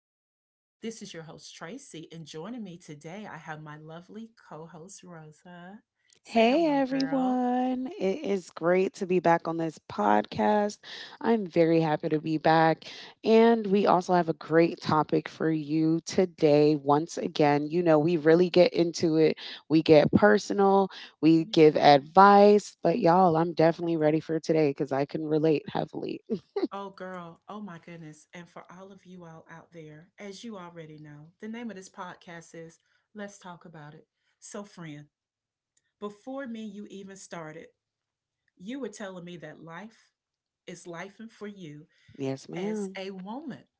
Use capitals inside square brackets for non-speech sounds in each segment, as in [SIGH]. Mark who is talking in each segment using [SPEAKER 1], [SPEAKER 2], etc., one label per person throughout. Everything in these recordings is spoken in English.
[SPEAKER 1] out there. This is your host, Tracy, and joining me today, I have my lovely co host, Rosa. Say
[SPEAKER 2] Hey
[SPEAKER 1] hello, girl.
[SPEAKER 2] everyone, it is great to be back on this podcast. I'm very happy to be back. And we also have a great topic for you today. Once again, we really get into it, we get personal, we
[SPEAKER 1] Me
[SPEAKER 2] give
[SPEAKER 1] too.
[SPEAKER 2] advice, but y'all, I'm definitely ready for today because I can relate heavily. [LAUGHS]
[SPEAKER 1] Oh, girl. Oh, my goodness. And for all of you all out there, as you already know, the name of this podcast is Let's Talk About It. So, friend, before me, you even started, you were telling me that life is life and for you
[SPEAKER 2] Yes,
[SPEAKER 1] as
[SPEAKER 2] madam.
[SPEAKER 1] a woman.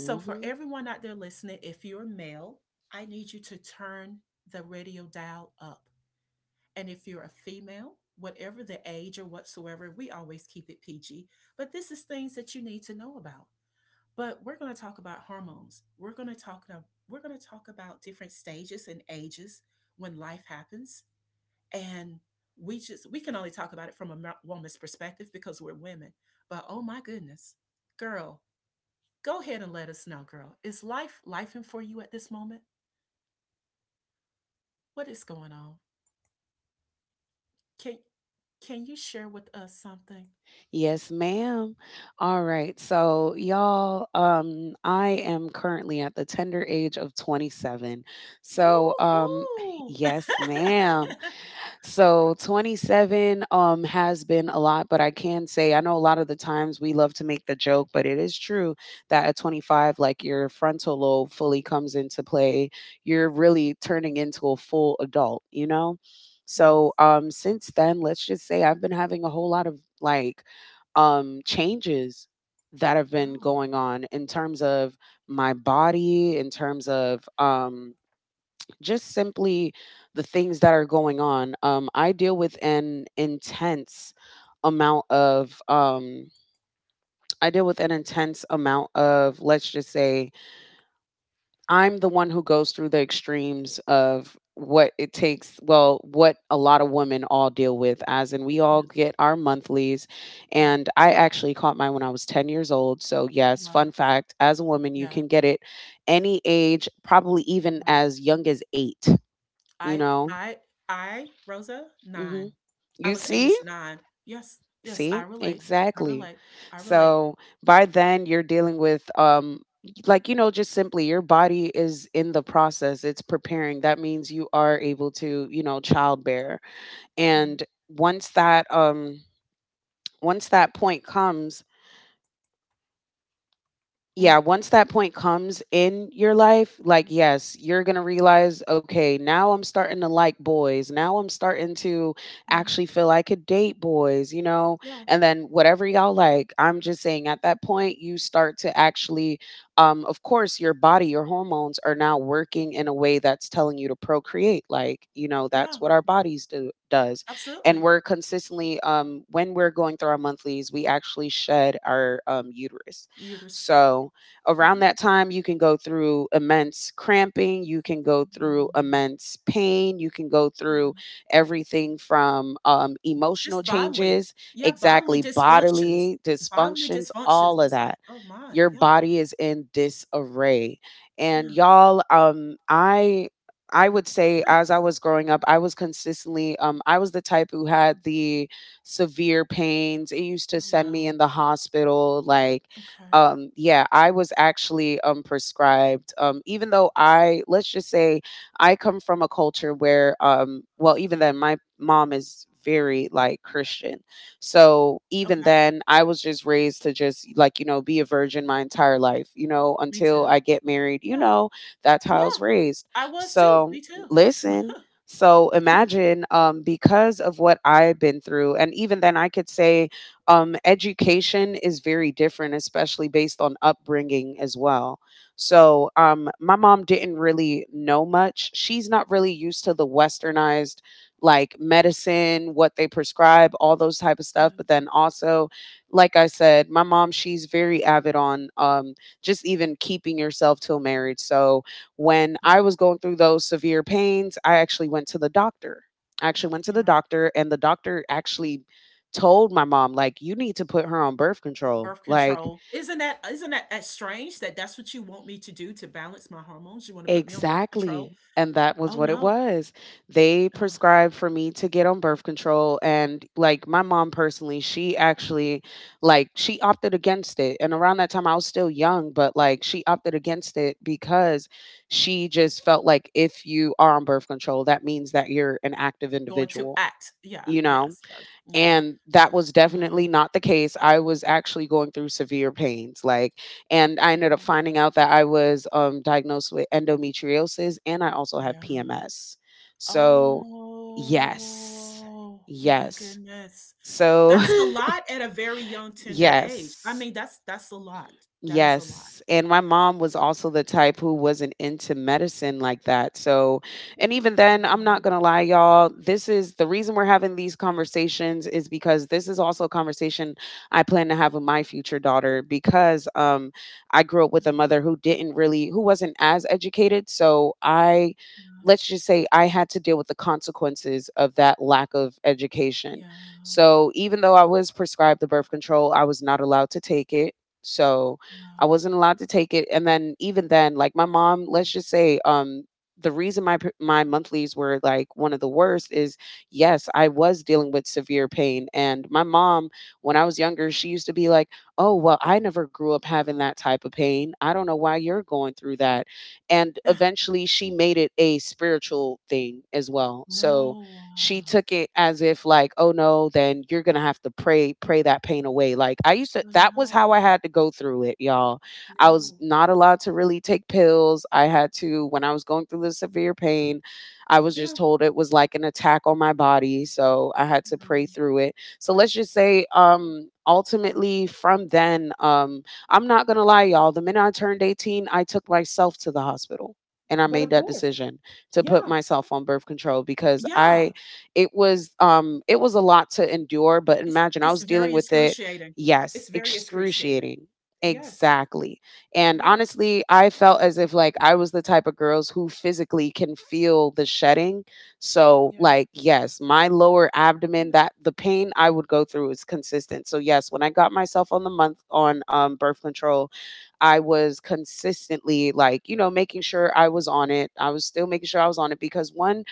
[SPEAKER 1] So, for everyone out there listening, if you're male, I need you to turn the radio dial up. And if you're a female, whatever the age or whatsoever, we always keep it PG. But this is things that you need to know about. But we're going to talk about hormones. We're going to talk about different stages and ages when life happens and we can only talk about it from a woman's perspective because we're women. But oh my goodness, girl, go ahead and let us know, girl. Is life life for you at this moment? What is going on? Can can you share with us something?
[SPEAKER 2] Yes, ma'am. All right. So, y'all, I am currently at the tender age of 27. So, um,
[SPEAKER 1] Woohoo! [LAUGHS]
[SPEAKER 2] yes, ma'am.
[SPEAKER 1] Yes.
[SPEAKER 2] So 27 has been a lot, but I can say I know a lot of the times we love to make the joke, but it is true that at 25, like, your frontal lobe fully comes into play. You're really turning into a full adult, you know? So
[SPEAKER 1] Yes.
[SPEAKER 2] since then, let's just say I've been having a whole lot of like changes that have been
[SPEAKER 1] Wow.
[SPEAKER 2] going on in terms of my body, in terms of just simply the things that are going on. I deal with an intense amount of I deal with an intense amount of let's just say I'm the one who goes through the extremes of what it takes, well, what a lot of women all deal with, as in we all
[SPEAKER 1] Yeah.
[SPEAKER 2] get our monthlies.
[SPEAKER 1] Yeah.
[SPEAKER 2] And I actually caught mine when I was 10 years old, so yes, fun
[SPEAKER 1] Wow.
[SPEAKER 2] fact, as a woman you
[SPEAKER 1] Yeah.
[SPEAKER 2] can get it any age, probably
[SPEAKER 1] You're
[SPEAKER 2] even
[SPEAKER 1] right.
[SPEAKER 2] as young as 8, you
[SPEAKER 1] I
[SPEAKER 2] know.
[SPEAKER 1] I I Rosa
[SPEAKER 2] Hmm.
[SPEAKER 1] nine. I
[SPEAKER 2] You
[SPEAKER 1] was
[SPEAKER 2] see?
[SPEAKER 1] age nine. Yes. Yes.
[SPEAKER 2] See?
[SPEAKER 1] I relate. I
[SPEAKER 2] Exactly.
[SPEAKER 1] relate. I relate.
[SPEAKER 2] So by then you're dealing with like you know, just simply, your body is in the process. It's preparing. That means you are able to, you know, childbear.
[SPEAKER 1] Yeah.
[SPEAKER 2] And once that um once that point comes,
[SPEAKER 1] Mm.
[SPEAKER 2] yeah, once that point comes in your life, like, yes, you're going to realize, okay, now I'm starting to like boys. Now I'm starting to
[SPEAKER 1] Yeah.
[SPEAKER 2] actually feel I could date boys, you know?
[SPEAKER 1] Yeah.
[SPEAKER 2] And then whatever y'all, like, I'm just saying at that point, you start to actually, of course, your body, your hormones are now working in a way that's telling you to procreate. Like, you know, that's
[SPEAKER 1] Yeah.
[SPEAKER 2] what our bodies do does. And
[SPEAKER 1] Absolutely.
[SPEAKER 2] we're consistently when we're going through our monthlies, we actually shed our uterus.
[SPEAKER 1] Uterus.
[SPEAKER 2] So, around
[SPEAKER 1] Mhm.
[SPEAKER 2] that time, you can go through immense cramping, you can go through
[SPEAKER 1] Mm,
[SPEAKER 2] immense pain, you can go
[SPEAKER 1] yeah.
[SPEAKER 2] through everything from emotional
[SPEAKER 1] Just bodily.
[SPEAKER 2] changes,
[SPEAKER 1] Yeah, bodily
[SPEAKER 2] exactly,
[SPEAKER 1] dysfunctions.
[SPEAKER 2] bodily
[SPEAKER 1] Bodily
[SPEAKER 2] dysfunctions,
[SPEAKER 1] dysfunctions.
[SPEAKER 2] all of
[SPEAKER 1] It's like,
[SPEAKER 2] that.
[SPEAKER 1] oh my,
[SPEAKER 2] Your
[SPEAKER 1] yeah,
[SPEAKER 2] body is in disarray. And
[SPEAKER 1] yeah.
[SPEAKER 2] y'all, I would say as I was growing up, I was consistently I was the type who had the severe pains. It used to
[SPEAKER 1] Oh
[SPEAKER 2] send me in
[SPEAKER 1] wow.
[SPEAKER 2] the hospital, like,
[SPEAKER 1] Okay.
[SPEAKER 2] yeah, I was actually prescribed, even though I, let's just say, I come from a culture where, well, even then, my mom is very like Christian. So
[SPEAKER 1] Okay.
[SPEAKER 2] even then, I was just raised to just like, you know, be a virgin my entire life, you know,
[SPEAKER 1] Me
[SPEAKER 2] until
[SPEAKER 1] too.
[SPEAKER 2] I get married, you
[SPEAKER 1] Yeah.
[SPEAKER 2] know, that's how I
[SPEAKER 1] Yeah.
[SPEAKER 2] was raised.
[SPEAKER 1] I was too.
[SPEAKER 2] So
[SPEAKER 1] Me too.
[SPEAKER 2] listen. So imagine because of what I've been through, and even then, I could say education is very different, especially based on upbringing as well. So, my mom didn't really know much. She's not really used to the westernized like medicine, what they prescribe, all those type of
[SPEAKER 1] Yeah.
[SPEAKER 2] stuff. But then also, like I said, my mom, she's very avid on just even keeping yourself till marriage. So when I was
[SPEAKER 1] Understand.
[SPEAKER 2] going through those severe pains, I actually went to the
[SPEAKER 1] Yeah.
[SPEAKER 2] doctor, and the doctor actually told my mom, like, you need to put her on birth control.
[SPEAKER 1] Birth
[SPEAKER 2] Like,
[SPEAKER 1] control. Isn't that strange that that's what you want me to do to balance my hormones? You want to put me on birth control?
[SPEAKER 2] exactly. And that was
[SPEAKER 1] Oh
[SPEAKER 2] what it
[SPEAKER 1] no.
[SPEAKER 2] was. They
[SPEAKER 1] Ugh.
[SPEAKER 2] prescribed for me to get on birth control. And like my mom personally, like, she opted against it. And around that time, I was still young, but like, she opted against it because she just felt like if you are on birth control, that means that you're an active
[SPEAKER 1] Going to
[SPEAKER 2] individual,
[SPEAKER 1] act. Yeah.
[SPEAKER 2] you know?
[SPEAKER 1] Yes. Yes. Yeah.
[SPEAKER 2] And that was
[SPEAKER 1] Yeah.
[SPEAKER 2] definitely not the case. I was actually going through severe pains, like, and I
[SPEAKER 1] Yeah.
[SPEAKER 2] ended up finding out that I was diagnosed with endometriosis, and I also have
[SPEAKER 1] Yeah.
[SPEAKER 2] PMS. So, yes,
[SPEAKER 1] Oh, my
[SPEAKER 2] yes.
[SPEAKER 1] goodness.
[SPEAKER 2] So,
[SPEAKER 1] That's a lot at a very young,
[SPEAKER 2] [LAUGHS]
[SPEAKER 1] tender age. I
[SPEAKER 2] yes.
[SPEAKER 1] mean, that's a lot. That is a lot.
[SPEAKER 2] Yes. And my mom was also the type who wasn't into medicine like that. So, and even
[SPEAKER 1] I
[SPEAKER 2] then, I'm
[SPEAKER 1] no,
[SPEAKER 2] not going to lie, y'all. This is the reason we're having these conversations, is because this is also a conversation I plan to have with my future daughter, because I grew up
[SPEAKER 1] yeah,
[SPEAKER 2] with a mother who didn't really, who wasn't as educated. So I, let's just say, I had to deal with the consequences of that lack of
[SPEAKER 1] yeah,
[SPEAKER 2] education.
[SPEAKER 1] yeah,
[SPEAKER 2] So even though I was prescribed the birth control, I was not allowed to take it. So, I
[SPEAKER 1] no.
[SPEAKER 2] wasn't allowed to take it, and then even then, like my mom, let's just say, the reason my monthlies were like one of the worst is yes, I was dealing with severe pain, and my mom, when I was younger, she used to be like, "Oh well, I never grew up having that type of pain. I don't know why you're going through that," and
[SPEAKER 1] Ugh,
[SPEAKER 2] eventually, she made it a spiritual thing as well. So
[SPEAKER 1] no,
[SPEAKER 2] she took it as if like, oh no, then you're gonna have to pray, pray that pain away. Like I used to that was
[SPEAKER 1] no,
[SPEAKER 2] how I had to go through it, y'all. I was
[SPEAKER 1] no.
[SPEAKER 2] not allowed to really take pills. I had to, when I was going through the severe pain, I was
[SPEAKER 1] Yeah,
[SPEAKER 2] just told it was like an attack on my body. So I had to pray
[SPEAKER 1] no.
[SPEAKER 2] through it. So let's just say, ultimately from then, I'm not gonna lie, y'all. The minute I turned 18, I took myself to the hospital and I
[SPEAKER 1] But
[SPEAKER 2] made
[SPEAKER 1] of
[SPEAKER 2] that
[SPEAKER 1] course.
[SPEAKER 2] decision to put
[SPEAKER 1] Yeah.
[SPEAKER 2] myself on birth control, because I
[SPEAKER 1] Yeah.
[SPEAKER 2] it was a lot to endure, but
[SPEAKER 1] It's
[SPEAKER 2] imagine I
[SPEAKER 1] it's
[SPEAKER 2] was dealing
[SPEAKER 1] very
[SPEAKER 2] with it.
[SPEAKER 1] excruciating. It's
[SPEAKER 2] Yes,
[SPEAKER 1] very excruciating.
[SPEAKER 2] excruciating.
[SPEAKER 1] Yes.
[SPEAKER 2] Exactly. And
[SPEAKER 1] Yes.
[SPEAKER 2] honestly, I felt as if like I was the type of girls who physically can feel the shedding. So,
[SPEAKER 1] Yeah.
[SPEAKER 2] like, yes, my lower abdomen,
[SPEAKER 1] Yeah.
[SPEAKER 2] that, the pain I would go through is consistent. So, yes, when I got myself on the month on birth control, I was consistently like, you know, making sure I was on it. I was still making sure I was on it, because one,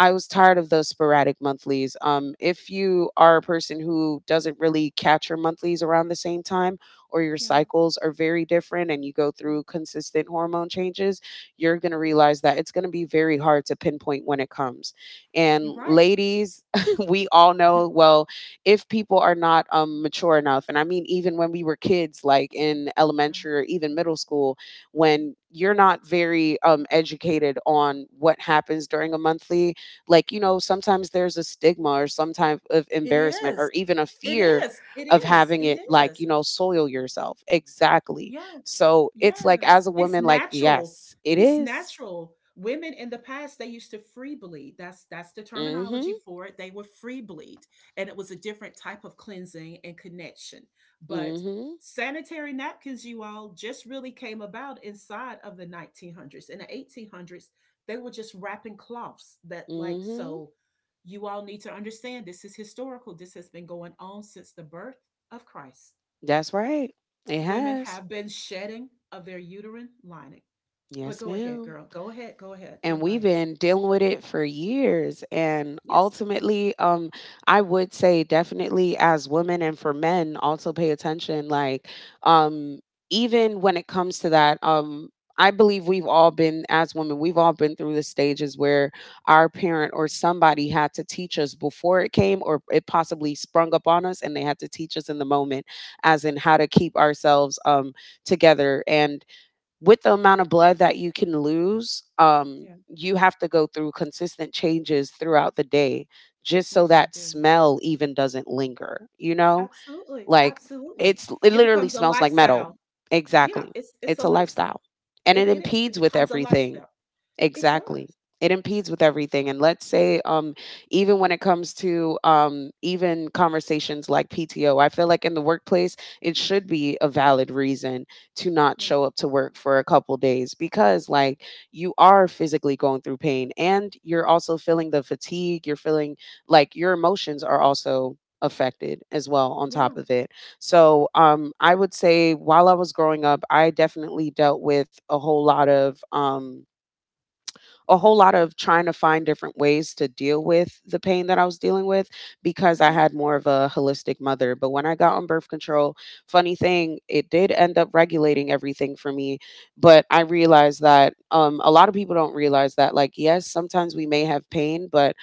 [SPEAKER 2] I was tired of those sporadic monthlies. If you are a person who doesn't really catch your monthlies around the same time, or your
[SPEAKER 1] Yeah.
[SPEAKER 2] cycles are very different and you go through consistent hormone changes, you're going to
[SPEAKER 1] Yeah.
[SPEAKER 2] realize that it's going to be very hard to pinpoint when it comes. And
[SPEAKER 1] You're right.
[SPEAKER 2] ladies, [LAUGHS] we all know,
[SPEAKER 1] [LAUGHS]
[SPEAKER 2] well, if people are not mature enough, and I mean, even when we were kids, like in
[SPEAKER 1] Yeah.
[SPEAKER 2] elementary or even middle school, when you're not very educated on what happens during a monthly, like you know, sometimes there's a stigma or some type of
[SPEAKER 1] It
[SPEAKER 2] embarrassment or
[SPEAKER 1] is.
[SPEAKER 2] even a
[SPEAKER 1] It
[SPEAKER 2] fear
[SPEAKER 1] is. It
[SPEAKER 2] of
[SPEAKER 1] is.
[SPEAKER 2] having
[SPEAKER 1] It
[SPEAKER 2] it, like you
[SPEAKER 1] is.
[SPEAKER 2] know, soil yourself, exactly.
[SPEAKER 1] Yeah.
[SPEAKER 2] So it's like as
[SPEAKER 1] Yes,
[SPEAKER 2] a
[SPEAKER 1] it's
[SPEAKER 2] woman, like,
[SPEAKER 1] natural.
[SPEAKER 2] yes it
[SPEAKER 1] It's
[SPEAKER 2] Mm is.
[SPEAKER 1] natural. Women in the past, they used to free bleed. That's the
[SPEAKER 2] Mm. mhm
[SPEAKER 1] terminology for it. They would free bleed, and it was a different type of cleansing and connection. But
[SPEAKER 2] Mm
[SPEAKER 1] sanitary napkins, you all, just really came about inside of the 1900s. In the 1800s, they were just wrapping cloths that
[SPEAKER 2] mhm
[SPEAKER 1] like
[SPEAKER 2] mhm.
[SPEAKER 1] so you all need to understand this is historical. This has been going on since the birth of Christ.
[SPEAKER 2] That's right. It
[SPEAKER 1] Women
[SPEAKER 2] has.
[SPEAKER 1] have been shedding of their uterine lining. But
[SPEAKER 2] Yes,
[SPEAKER 1] go ahead,
[SPEAKER 2] ma'am.
[SPEAKER 1] girl. Go ahead. Go ahead.
[SPEAKER 2] And
[SPEAKER 1] You're
[SPEAKER 2] we've
[SPEAKER 1] right.
[SPEAKER 2] been dealing with it for years, and
[SPEAKER 1] Yes.
[SPEAKER 2] ultimately I would say, definitely as women, and for men also, pay attention, like, um even when it comes to that, I believe we've all been, as women, we've all been through the stages where our parent or somebody had to teach us before it came, or it possibly sprung up on us, and they had to teach us in the moment, as in how to keep ourselves together. And with the amount of blood that you can lose,
[SPEAKER 1] Yeah.
[SPEAKER 2] you have to go through consistent changes throughout the day, just so
[SPEAKER 1] Yes,
[SPEAKER 2] that
[SPEAKER 1] you do.
[SPEAKER 2] smell even doesn't linger, you know?
[SPEAKER 1] Absolutely.
[SPEAKER 2] Like,
[SPEAKER 1] Absolutely.
[SPEAKER 2] it's it
[SPEAKER 1] It
[SPEAKER 2] literally
[SPEAKER 1] becomes a
[SPEAKER 2] smells like metal.
[SPEAKER 1] lifestyle. Yeah.
[SPEAKER 2] Exactly.
[SPEAKER 1] It's
[SPEAKER 2] It's
[SPEAKER 1] it's
[SPEAKER 2] a
[SPEAKER 1] a
[SPEAKER 2] lifestyle.
[SPEAKER 1] lifestyle.
[SPEAKER 2] And it
[SPEAKER 1] It is.
[SPEAKER 2] impedes
[SPEAKER 1] It
[SPEAKER 2] with
[SPEAKER 1] becomes a
[SPEAKER 2] everything.
[SPEAKER 1] lifestyle. It
[SPEAKER 2] Exactly.
[SPEAKER 1] does.
[SPEAKER 2] It impedes with everything. And let's say, even when it comes to even conversations like PTO, I feel like in the workplace, it should be a valid reason to not
[SPEAKER 1] Yeah.
[SPEAKER 2] show up to work for a couple days, because, like, you are physically going through pain and you're also feeling the fatigue. You're feeling like your emotions are also affected as well on top
[SPEAKER 1] Yeah.
[SPEAKER 2] of it. So I would say while I was growing up, I definitely dealt with a whole lot of. A whole lot of trying to find different ways to deal with the pain that I was dealing with, because I
[SPEAKER 1] Hmm.
[SPEAKER 2] had more of a holistic mother. But when I got on birth control, funny thing, it did end up regulating everything for me. But I realized that a lot of people don't realize that, like, yes, sometimes we may have pain, but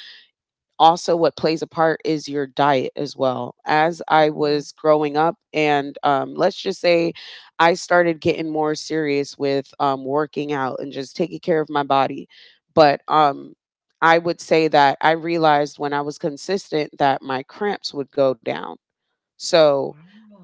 [SPEAKER 2] also what plays a part is your diet as well. As I
[SPEAKER 1] It
[SPEAKER 2] was
[SPEAKER 1] does.
[SPEAKER 2] growing up, and let's just say I started getting more serious with working out and just taking care of my body. But I would say that I realized when I was consistent that my cramps would go down. So,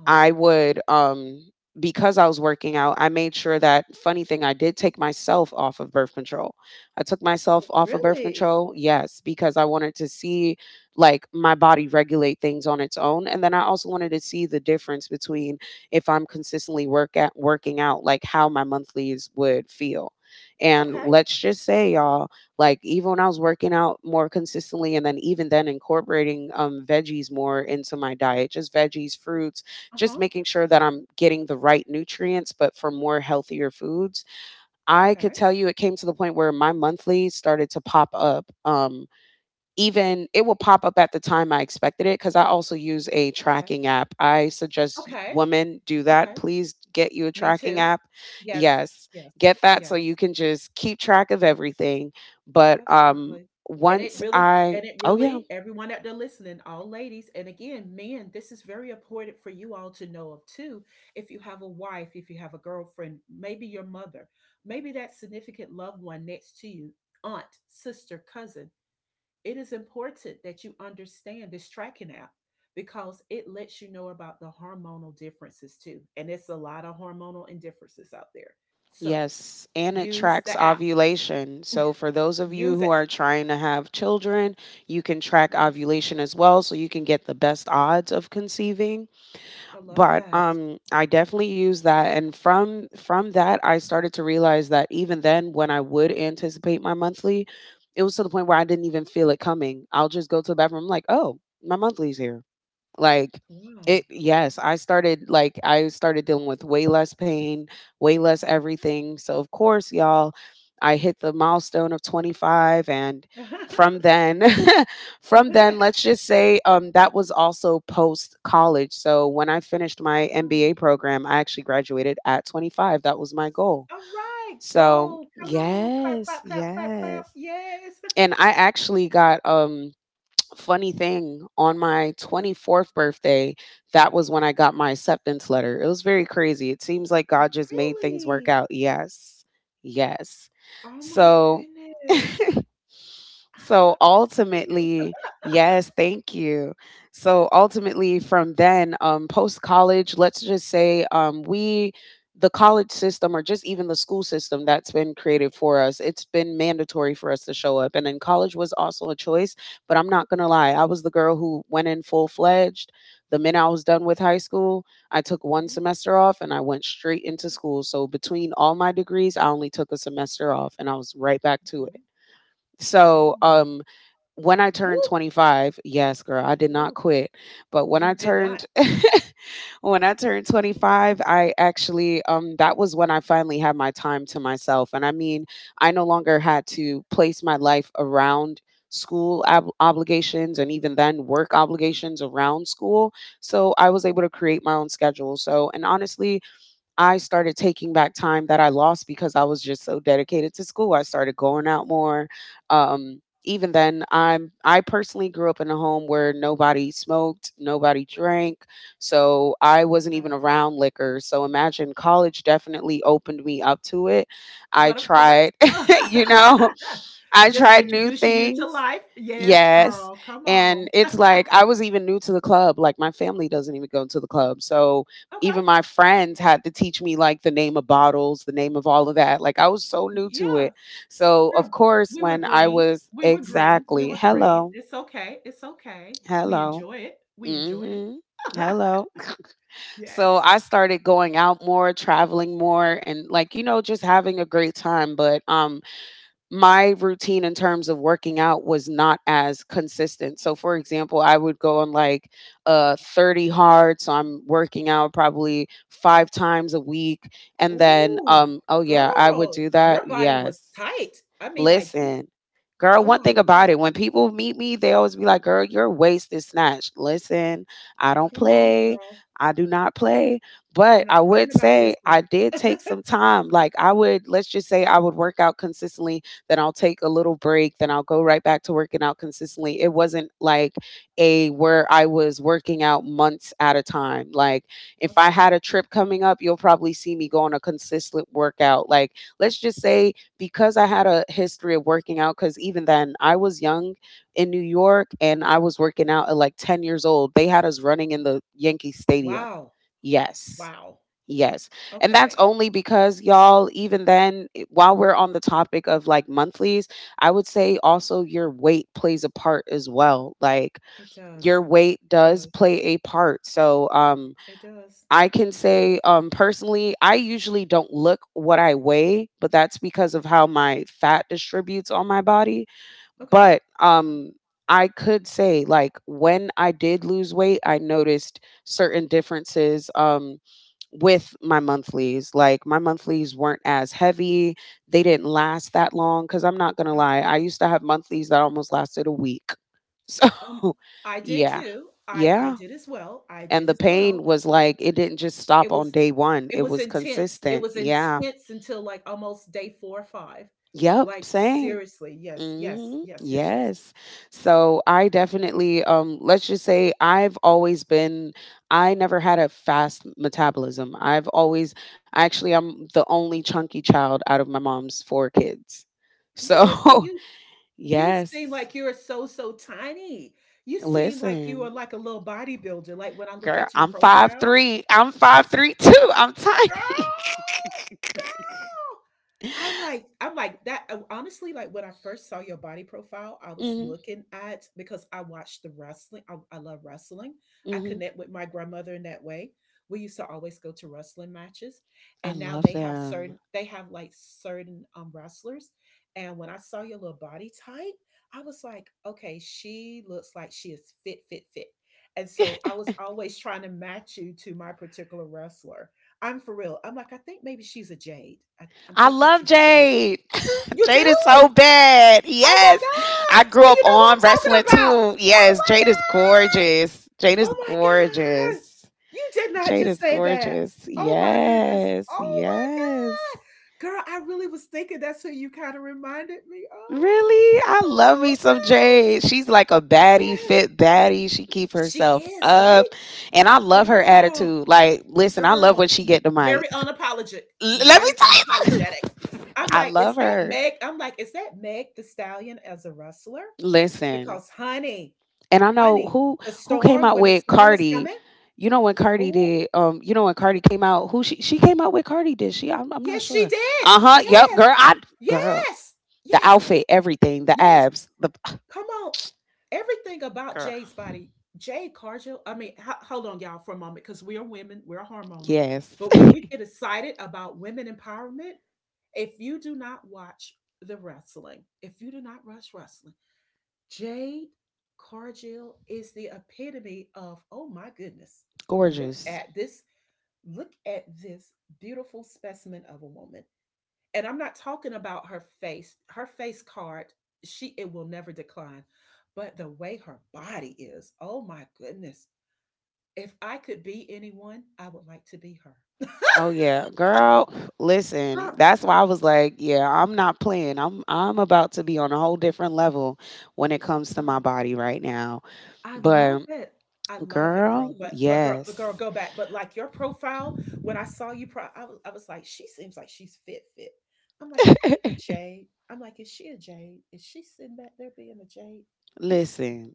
[SPEAKER 2] I would because I was working out, I made sure that, funny thing, I did take myself off of birth control. I took myself off of birth
[SPEAKER 1] Really?
[SPEAKER 2] control, yes, because I wanted to see like my body regulate things on its own. And then I also wanted to see the difference between if I'm consistently work at working out, like how my monthlies would feel. And
[SPEAKER 1] Okay.
[SPEAKER 2] let's just say, y'all, like even when I was working out more consistently and then even then incorporating veggies more into my diet, just veggies, fruits, just
[SPEAKER 1] Uh-huh.
[SPEAKER 2] making sure that I'm getting the right nutrients, but for more healthier foods. I could
[SPEAKER 1] Okay.
[SPEAKER 2] tell you, it came to the point where my monthly started to pop up. Even it will pop up at the time I expected it because I also use a
[SPEAKER 1] Okay.
[SPEAKER 2] tracking app. I suggest
[SPEAKER 1] Okay.
[SPEAKER 2] women do that.
[SPEAKER 1] Okay.
[SPEAKER 2] Please get you a
[SPEAKER 1] Me
[SPEAKER 2] tracking
[SPEAKER 1] too.
[SPEAKER 2] app.
[SPEAKER 1] Yes.
[SPEAKER 2] Yes,
[SPEAKER 1] Yes.
[SPEAKER 2] get that so
[SPEAKER 1] Yes.
[SPEAKER 2] you can just keep track of everything. But um,
[SPEAKER 1] Absolutely. And
[SPEAKER 2] once
[SPEAKER 1] it really,
[SPEAKER 2] I,
[SPEAKER 1] and it
[SPEAKER 2] oh, yeah.
[SPEAKER 1] really, everyone out there listening, all ladies, and again, men, this is very important for you all to know of too. If you have a wife, if you have a girlfriend, maybe your mother, maybe that significant loved one next to you, aunt, sister, cousin, it is important that you understand this tracking app because it lets you know about the hormonal differences too. And it's a lot of hormonal indifferences out there. So
[SPEAKER 2] Yes, and it
[SPEAKER 1] use
[SPEAKER 2] tracks
[SPEAKER 1] the app,
[SPEAKER 2] ovulation. So, for those of you
[SPEAKER 1] use
[SPEAKER 2] who are
[SPEAKER 1] it.
[SPEAKER 2] trying to have children, you can track
[SPEAKER 1] Yes,
[SPEAKER 2] ovulation as well, so you can get the best odds of conceiving.
[SPEAKER 1] I love
[SPEAKER 2] But
[SPEAKER 1] that.
[SPEAKER 2] I definitely use that, and from that I started to realize that even then when I would anticipate my monthly, it was to the point where I didn't even feel it coming. I'll just go to the bathroom like, oh, my monthly's here. Like
[SPEAKER 1] Wow.
[SPEAKER 2] it yes, I started dealing with way less pain, way less everything. So of course, y'all, I hit the milestone of 25, and from
[SPEAKER 1] [LAUGHS]
[SPEAKER 2] then [LAUGHS] from then, let's just say, that was also post college. So when I finished my
[SPEAKER 1] Oh,
[SPEAKER 2] MBA program, I actually graduated at 25. That was my goal.
[SPEAKER 1] all right,
[SPEAKER 2] So
[SPEAKER 1] go. Come on. Clap,
[SPEAKER 2] yes,
[SPEAKER 1] clap, clap, clap, clap.
[SPEAKER 2] yes.
[SPEAKER 1] Yes.
[SPEAKER 2] And I actually got funny thing, on my 24th birthday, that was when I got my acceptance letter. It was very crazy. It seems like God
[SPEAKER 1] [LAUGHS]
[SPEAKER 2] just made things work
[SPEAKER 1] Really?
[SPEAKER 2] out. Yes. Yes.
[SPEAKER 1] Oh my
[SPEAKER 2] So
[SPEAKER 1] goodness.
[SPEAKER 2] [LAUGHS]
[SPEAKER 1] I
[SPEAKER 2] so
[SPEAKER 1] love this for you.
[SPEAKER 2] ultimately, yes, thank you. So ultimately, from then, post college, let's just say, the college system, or just even the school system that's been created for us, it's been mandatory for us to show up. And then college was also a choice, but I'm not going to lie. I was the girl who went in full fledged. The minute I was done with high school, I took one
[SPEAKER 1] Mhm.
[SPEAKER 2] semester off and I went straight into school. So between all my degrees, I only took a semester off and I was right back to it.
[SPEAKER 1] Okay.
[SPEAKER 2] So,
[SPEAKER 1] Really?
[SPEAKER 2] when I turned
[SPEAKER 1] Woo!
[SPEAKER 2] 25, yes, girl, I did not
[SPEAKER 1] Woo.
[SPEAKER 2] quit. But when I
[SPEAKER 1] You did not.
[SPEAKER 2] turned [LAUGHS] when I turned 25, I actually that was when I finally had my time to myself. And I mean, I no longer had to place my life around obligations and even then work obligations around school. So I was
[SPEAKER 1] Mhm.
[SPEAKER 2] able to create my own schedule. So, and honestly, I started taking back time that I lost because I was just so dedicated to school. I started going out more. Um, Even then, I personally grew up in a home where nobody smoked, nobody drank, so I
[SPEAKER 1] I love
[SPEAKER 2] wasn't even
[SPEAKER 1] that.
[SPEAKER 2] around liquor. So imagine college definitely opened me up to it. I
[SPEAKER 1] But of course,
[SPEAKER 2] tried, [LAUGHS] you
[SPEAKER 1] [LAUGHS]
[SPEAKER 2] know, I
[SPEAKER 1] just
[SPEAKER 2] tried new
[SPEAKER 1] introducing you to
[SPEAKER 2] things.
[SPEAKER 1] life. Yes,
[SPEAKER 2] Yes.
[SPEAKER 1] girl. Come
[SPEAKER 2] And
[SPEAKER 1] on.
[SPEAKER 2] it's like I was even new to the club. Like my family doesn't even go to the club. So
[SPEAKER 1] Okay.
[SPEAKER 2] even my friends had to teach me like the name of bottles, the name of all of that. Like I was so new to
[SPEAKER 1] Yeah.
[SPEAKER 2] it. So of
[SPEAKER 1] Girl,
[SPEAKER 2] course
[SPEAKER 1] we were
[SPEAKER 2] when I
[SPEAKER 1] green.
[SPEAKER 2] was
[SPEAKER 1] We were green. We
[SPEAKER 2] exactly,
[SPEAKER 1] were green.
[SPEAKER 2] hello,
[SPEAKER 1] It's okay. It's okay. We
[SPEAKER 2] hello.
[SPEAKER 1] enjoy it. We enjoyed it.
[SPEAKER 2] Mhm.
[SPEAKER 1] [LAUGHS]
[SPEAKER 2] Hello. [LAUGHS] so
[SPEAKER 1] Yes.
[SPEAKER 2] I started going out more, traveling more, and like, you know, just having a great time, but my routine in terms of working out was not as consistent. So, for example, I would go on like 30 hard. So, I'm working out probably five times a week. And then,
[SPEAKER 1] Ooh,
[SPEAKER 2] oh, yeah, I would
[SPEAKER 1] girl,
[SPEAKER 2] do
[SPEAKER 1] your
[SPEAKER 2] that.
[SPEAKER 1] body was
[SPEAKER 2] Yes.
[SPEAKER 1] tight. I mean, like, you,
[SPEAKER 2] Listen, girl,
[SPEAKER 1] oh
[SPEAKER 2] one
[SPEAKER 1] my
[SPEAKER 2] thing about
[SPEAKER 1] God.
[SPEAKER 2] it, when people meet me, they always be like, girl, your waist is snatched. Listen, I don't
[SPEAKER 1] Come on,
[SPEAKER 2] play.
[SPEAKER 1] girl.
[SPEAKER 2] I do not play.
[SPEAKER 1] I'm
[SPEAKER 2] But
[SPEAKER 1] not
[SPEAKER 2] I
[SPEAKER 1] playing
[SPEAKER 2] would
[SPEAKER 1] about this
[SPEAKER 2] say
[SPEAKER 1] one.
[SPEAKER 2] I did
[SPEAKER 1] [LAUGHS]
[SPEAKER 2] take some time. Like, I would, let's just say, I would work out consistently, then I'll take a little break, then I'll go right back to working out consistently. It wasn't like a where I was working out months at a time. Like, if I
[SPEAKER 1] Okay.
[SPEAKER 2] had a trip coming up, you'll probably see me go on a consistent workout. Like, let's just say, because I had a history of working out, because even then I was young in New York and I was working out at like 10 years old. They had us running in the Yankee Stadium.
[SPEAKER 1] Wow.
[SPEAKER 2] Yes.
[SPEAKER 1] Wow.
[SPEAKER 2] Yes. And that's
[SPEAKER 1] Okay.
[SPEAKER 2] only because, y'all, even then, while we're on the topic of like monthlies, I would say also your weight plays a part as well. Like
[SPEAKER 1] It
[SPEAKER 2] your
[SPEAKER 1] does.
[SPEAKER 2] weight
[SPEAKER 1] It
[SPEAKER 2] does
[SPEAKER 1] does.
[SPEAKER 2] play a part. So,
[SPEAKER 1] It does.
[SPEAKER 2] I can
[SPEAKER 1] It does.
[SPEAKER 2] say, personally, I usually don't look what I weigh, but that's because of how my fat distributes on my body.
[SPEAKER 1] Okay.
[SPEAKER 2] But I could say, like, when I did lose weight, I noticed certain differences with my monthlies. Like, my monthlies weren't as heavy, they didn't last that long. Cause I'm not gonna lie, I
[SPEAKER 1] Absolutely.
[SPEAKER 2] used to have monthlies that almost lasted a week. [LAUGHS] So,
[SPEAKER 1] Um, I did
[SPEAKER 2] yeah.
[SPEAKER 1] too. I
[SPEAKER 2] Yeah.
[SPEAKER 1] did as well. I
[SPEAKER 2] And
[SPEAKER 1] did
[SPEAKER 2] the
[SPEAKER 1] as
[SPEAKER 2] pain
[SPEAKER 1] well.
[SPEAKER 2] was like, it didn't just
[SPEAKER 1] It
[SPEAKER 2] stop on
[SPEAKER 1] was
[SPEAKER 2] day 1.
[SPEAKER 1] it
[SPEAKER 2] It
[SPEAKER 1] was
[SPEAKER 2] was
[SPEAKER 1] intense. It
[SPEAKER 2] consistent.
[SPEAKER 1] was
[SPEAKER 2] Yeah.
[SPEAKER 1] intense until like almost day four or five.
[SPEAKER 2] Yep,
[SPEAKER 1] Like
[SPEAKER 2] same.
[SPEAKER 1] seriously, yes, yes,
[SPEAKER 2] Mhm.
[SPEAKER 1] yes, yes, yes.
[SPEAKER 2] Yes. So I definitely let's just say, I've always been I never had a fast metabolism. I've always actually, I'm the only chunky child out of my mom's four kids. So,
[SPEAKER 1] What? And
[SPEAKER 2] [LAUGHS]
[SPEAKER 1] you seem
[SPEAKER 2] yes.
[SPEAKER 1] like you're so, so tiny. You seem like you are
[SPEAKER 2] Listen,
[SPEAKER 1] like a little bodybuilder, like, when I look
[SPEAKER 2] girl,
[SPEAKER 1] at your
[SPEAKER 2] I'm five
[SPEAKER 1] profile.
[SPEAKER 2] three. I'm 5'3 too. I'm tiny.
[SPEAKER 1] Girl! Girl! I'm like that honestly, like when I first saw your body profile, I
[SPEAKER 2] [LAUGHS]
[SPEAKER 1] was
[SPEAKER 2] Mhm.
[SPEAKER 1] looking at because I watched the wrestling. I love wrestling. I
[SPEAKER 2] Mhm.
[SPEAKER 1] connect with my grandmother in that way. We used to always go to wrestling matches,
[SPEAKER 2] I
[SPEAKER 1] and now
[SPEAKER 2] love
[SPEAKER 1] they have
[SPEAKER 2] them.
[SPEAKER 1] certain they have like certain wrestlers. And when I saw your little body type, I was like, okay, she looks like she is fit, fit, fit. And so I was always trying to match you to my particular wrestler. I'm for real. I'm like, I think maybe she's a Jade. I'm
[SPEAKER 2] I
[SPEAKER 1] thinking
[SPEAKER 2] love
[SPEAKER 1] she's a Jade.
[SPEAKER 2] Jade. [LAUGHS]
[SPEAKER 1] You
[SPEAKER 2] Jade
[SPEAKER 1] do?
[SPEAKER 2] is so bad.
[SPEAKER 1] Oh my
[SPEAKER 2] Yes. I
[SPEAKER 1] God.
[SPEAKER 2] grew
[SPEAKER 1] So you
[SPEAKER 2] up
[SPEAKER 1] know who
[SPEAKER 2] on
[SPEAKER 1] I'm talking
[SPEAKER 2] wrestling
[SPEAKER 1] about.
[SPEAKER 2] too.
[SPEAKER 1] Oh
[SPEAKER 2] Yes. Jade is gorgeous. Jade
[SPEAKER 1] my God.
[SPEAKER 2] is
[SPEAKER 1] Oh my God.
[SPEAKER 2] gorgeous.
[SPEAKER 1] You did not
[SPEAKER 2] Jade
[SPEAKER 1] just
[SPEAKER 2] is
[SPEAKER 1] say that.
[SPEAKER 2] gorgeous.
[SPEAKER 1] Oh my goodness.
[SPEAKER 2] Yes.
[SPEAKER 1] Oh my
[SPEAKER 2] Yes.
[SPEAKER 1] God. Girl, I really was thinking that's who you kind of reminded me of.
[SPEAKER 2] Really? I love me some
[SPEAKER 1] Oh,
[SPEAKER 2] Jade. She's like a
[SPEAKER 1] yes.
[SPEAKER 2] baddie,
[SPEAKER 1] Yes.
[SPEAKER 2] fit baddie. She keep
[SPEAKER 1] She
[SPEAKER 2] herself
[SPEAKER 1] is,
[SPEAKER 2] up.
[SPEAKER 1] right?
[SPEAKER 2] And I love her
[SPEAKER 1] Girl.
[SPEAKER 2] attitude. Like, listen, I love when
[SPEAKER 1] Girl,
[SPEAKER 2] she get the
[SPEAKER 1] very
[SPEAKER 2] mic.
[SPEAKER 1] unapologetic,
[SPEAKER 2] Let me
[SPEAKER 1] very
[SPEAKER 2] tell you.
[SPEAKER 1] unapologetic.
[SPEAKER 2] [LAUGHS]
[SPEAKER 1] I'm
[SPEAKER 2] I
[SPEAKER 1] like,
[SPEAKER 2] love
[SPEAKER 1] "Is that
[SPEAKER 2] her.
[SPEAKER 1] Meg?" I'm like, "Is that Meg the Stallion as a wrestler?"
[SPEAKER 2] Listen,
[SPEAKER 1] Because honey,
[SPEAKER 2] and I know
[SPEAKER 1] honey,
[SPEAKER 2] who
[SPEAKER 1] the
[SPEAKER 2] came
[SPEAKER 1] storm
[SPEAKER 2] out
[SPEAKER 1] when the
[SPEAKER 2] with
[SPEAKER 1] storm is
[SPEAKER 2] Cardi.
[SPEAKER 1] coming.
[SPEAKER 2] You know when Cardi
[SPEAKER 1] Oh,
[SPEAKER 2] did, you know when Cardi came out, who she came out with Cardi, did she? I'm not
[SPEAKER 1] yes, she
[SPEAKER 2] sure.
[SPEAKER 1] did.
[SPEAKER 2] Uh huh. Yep,
[SPEAKER 1] Yes,
[SPEAKER 2] girl. I girl,
[SPEAKER 1] yes,
[SPEAKER 2] the
[SPEAKER 1] yes,
[SPEAKER 2] outfit, everything, the
[SPEAKER 1] yes.
[SPEAKER 2] abs, the
[SPEAKER 1] Come on. Everything about
[SPEAKER 2] girl.
[SPEAKER 1] Jay's body, Jay Cargill, I mean, ho hold on, y'all, for a moment, because we are women, we're hormonal.
[SPEAKER 2] Yes,
[SPEAKER 1] But when
[SPEAKER 2] [LAUGHS]
[SPEAKER 1] we get excited about women empowerment, if you do not watch the wrestling, if you do not watch wrestling, Jade Cargill is the epitome of, oh my goodness, look
[SPEAKER 2] gorgeous.
[SPEAKER 1] at this, look at this beautiful specimen of a woman. And I'm not talking about her face card, she it will never decline. But the way her body is, oh my goodness. If I could be anyone, I would like to be her.
[SPEAKER 2] Oh yeah, girl. Listen,
[SPEAKER 1] Girl,
[SPEAKER 2] that's why I was like, yeah, I'm not playing. I'm about to be on a whole different level when it comes to my
[SPEAKER 1] girl,
[SPEAKER 2] body right now.
[SPEAKER 1] I love
[SPEAKER 2] But
[SPEAKER 1] it. I love it, girl.
[SPEAKER 2] girl,
[SPEAKER 1] But but girl,
[SPEAKER 2] yes.
[SPEAKER 1] go back. But like your profile, when I saw you pro I was like, she seems like she's fit fit. I'm like, is she a Jade? I'm like, is she a Jade? Is she sitting back there being a Jade? It's
[SPEAKER 2] Listen.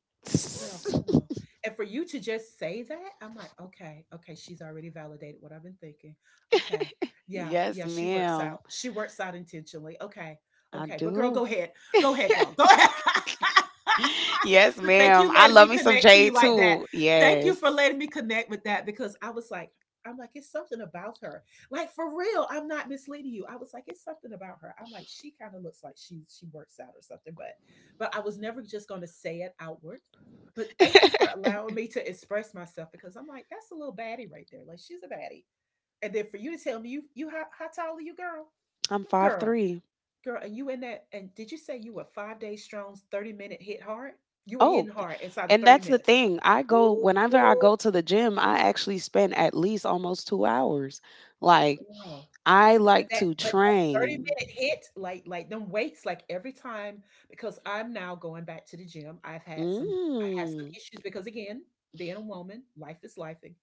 [SPEAKER 1] girl,
[SPEAKER 2] [LAUGHS]
[SPEAKER 1] come on. And for you to just say that, I'm like, okay, okay, she's already validated what I've been thinking. Okay. Yeah,
[SPEAKER 2] yes,
[SPEAKER 1] yeah, she works
[SPEAKER 2] ma'am.
[SPEAKER 1] out. She works out intentionally. Okay.
[SPEAKER 2] I
[SPEAKER 1] Okay. But girl,
[SPEAKER 2] do.
[SPEAKER 1] go ahead. Go ahead, girl. Go ahead. [LAUGHS]
[SPEAKER 2] [LAUGHS] yes,
[SPEAKER 1] But thank
[SPEAKER 2] ma'am.
[SPEAKER 1] you
[SPEAKER 2] I
[SPEAKER 1] letting
[SPEAKER 2] love
[SPEAKER 1] me
[SPEAKER 2] me some
[SPEAKER 1] connect to you
[SPEAKER 2] Jade
[SPEAKER 1] like that.
[SPEAKER 2] too.
[SPEAKER 1] Thank you
[SPEAKER 2] Yes.
[SPEAKER 1] for letting me connect with that because I was like, I'm like, it's something about her. Like for real, I'm not misleading you. I was like, it's something about her. I'm like, she kind of looks like she works out or something, but I was never just gonna say it outward. But thank you for allowing me to express myself because I'm like, that's a little baddie right there. Like she's a baddie. And then for you to tell me you you how tall are you, girl?
[SPEAKER 2] I'm five
[SPEAKER 1] Girl.
[SPEAKER 2] three.
[SPEAKER 1] Girl, and you in that, and did you say you were 5 days strong's 30-minute hit hard? You were
[SPEAKER 2] Oh,
[SPEAKER 1] hitting hard inside of
[SPEAKER 2] and
[SPEAKER 1] 30
[SPEAKER 2] that's the
[SPEAKER 1] minutes.
[SPEAKER 2] thing. I go
[SPEAKER 1] Ooh,
[SPEAKER 2] whenever I go to the gym, I actually spend at least almost 2 hours. Like
[SPEAKER 1] girl.
[SPEAKER 2] I
[SPEAKER 1] But
[SPEAKER 2] like
[SPEAKER 1] that,
[SPEAKER 2] to
[SPEAKER 1] but that 30
[SPEAKER 2] train.
[SPEAKER 1] minute hit, like them weights, like every time, because I'm now going back to the gym. I have some
[SPEAKER 2] Mm,
[SPEAKER 1] issues because again, being a woman, life is lifing.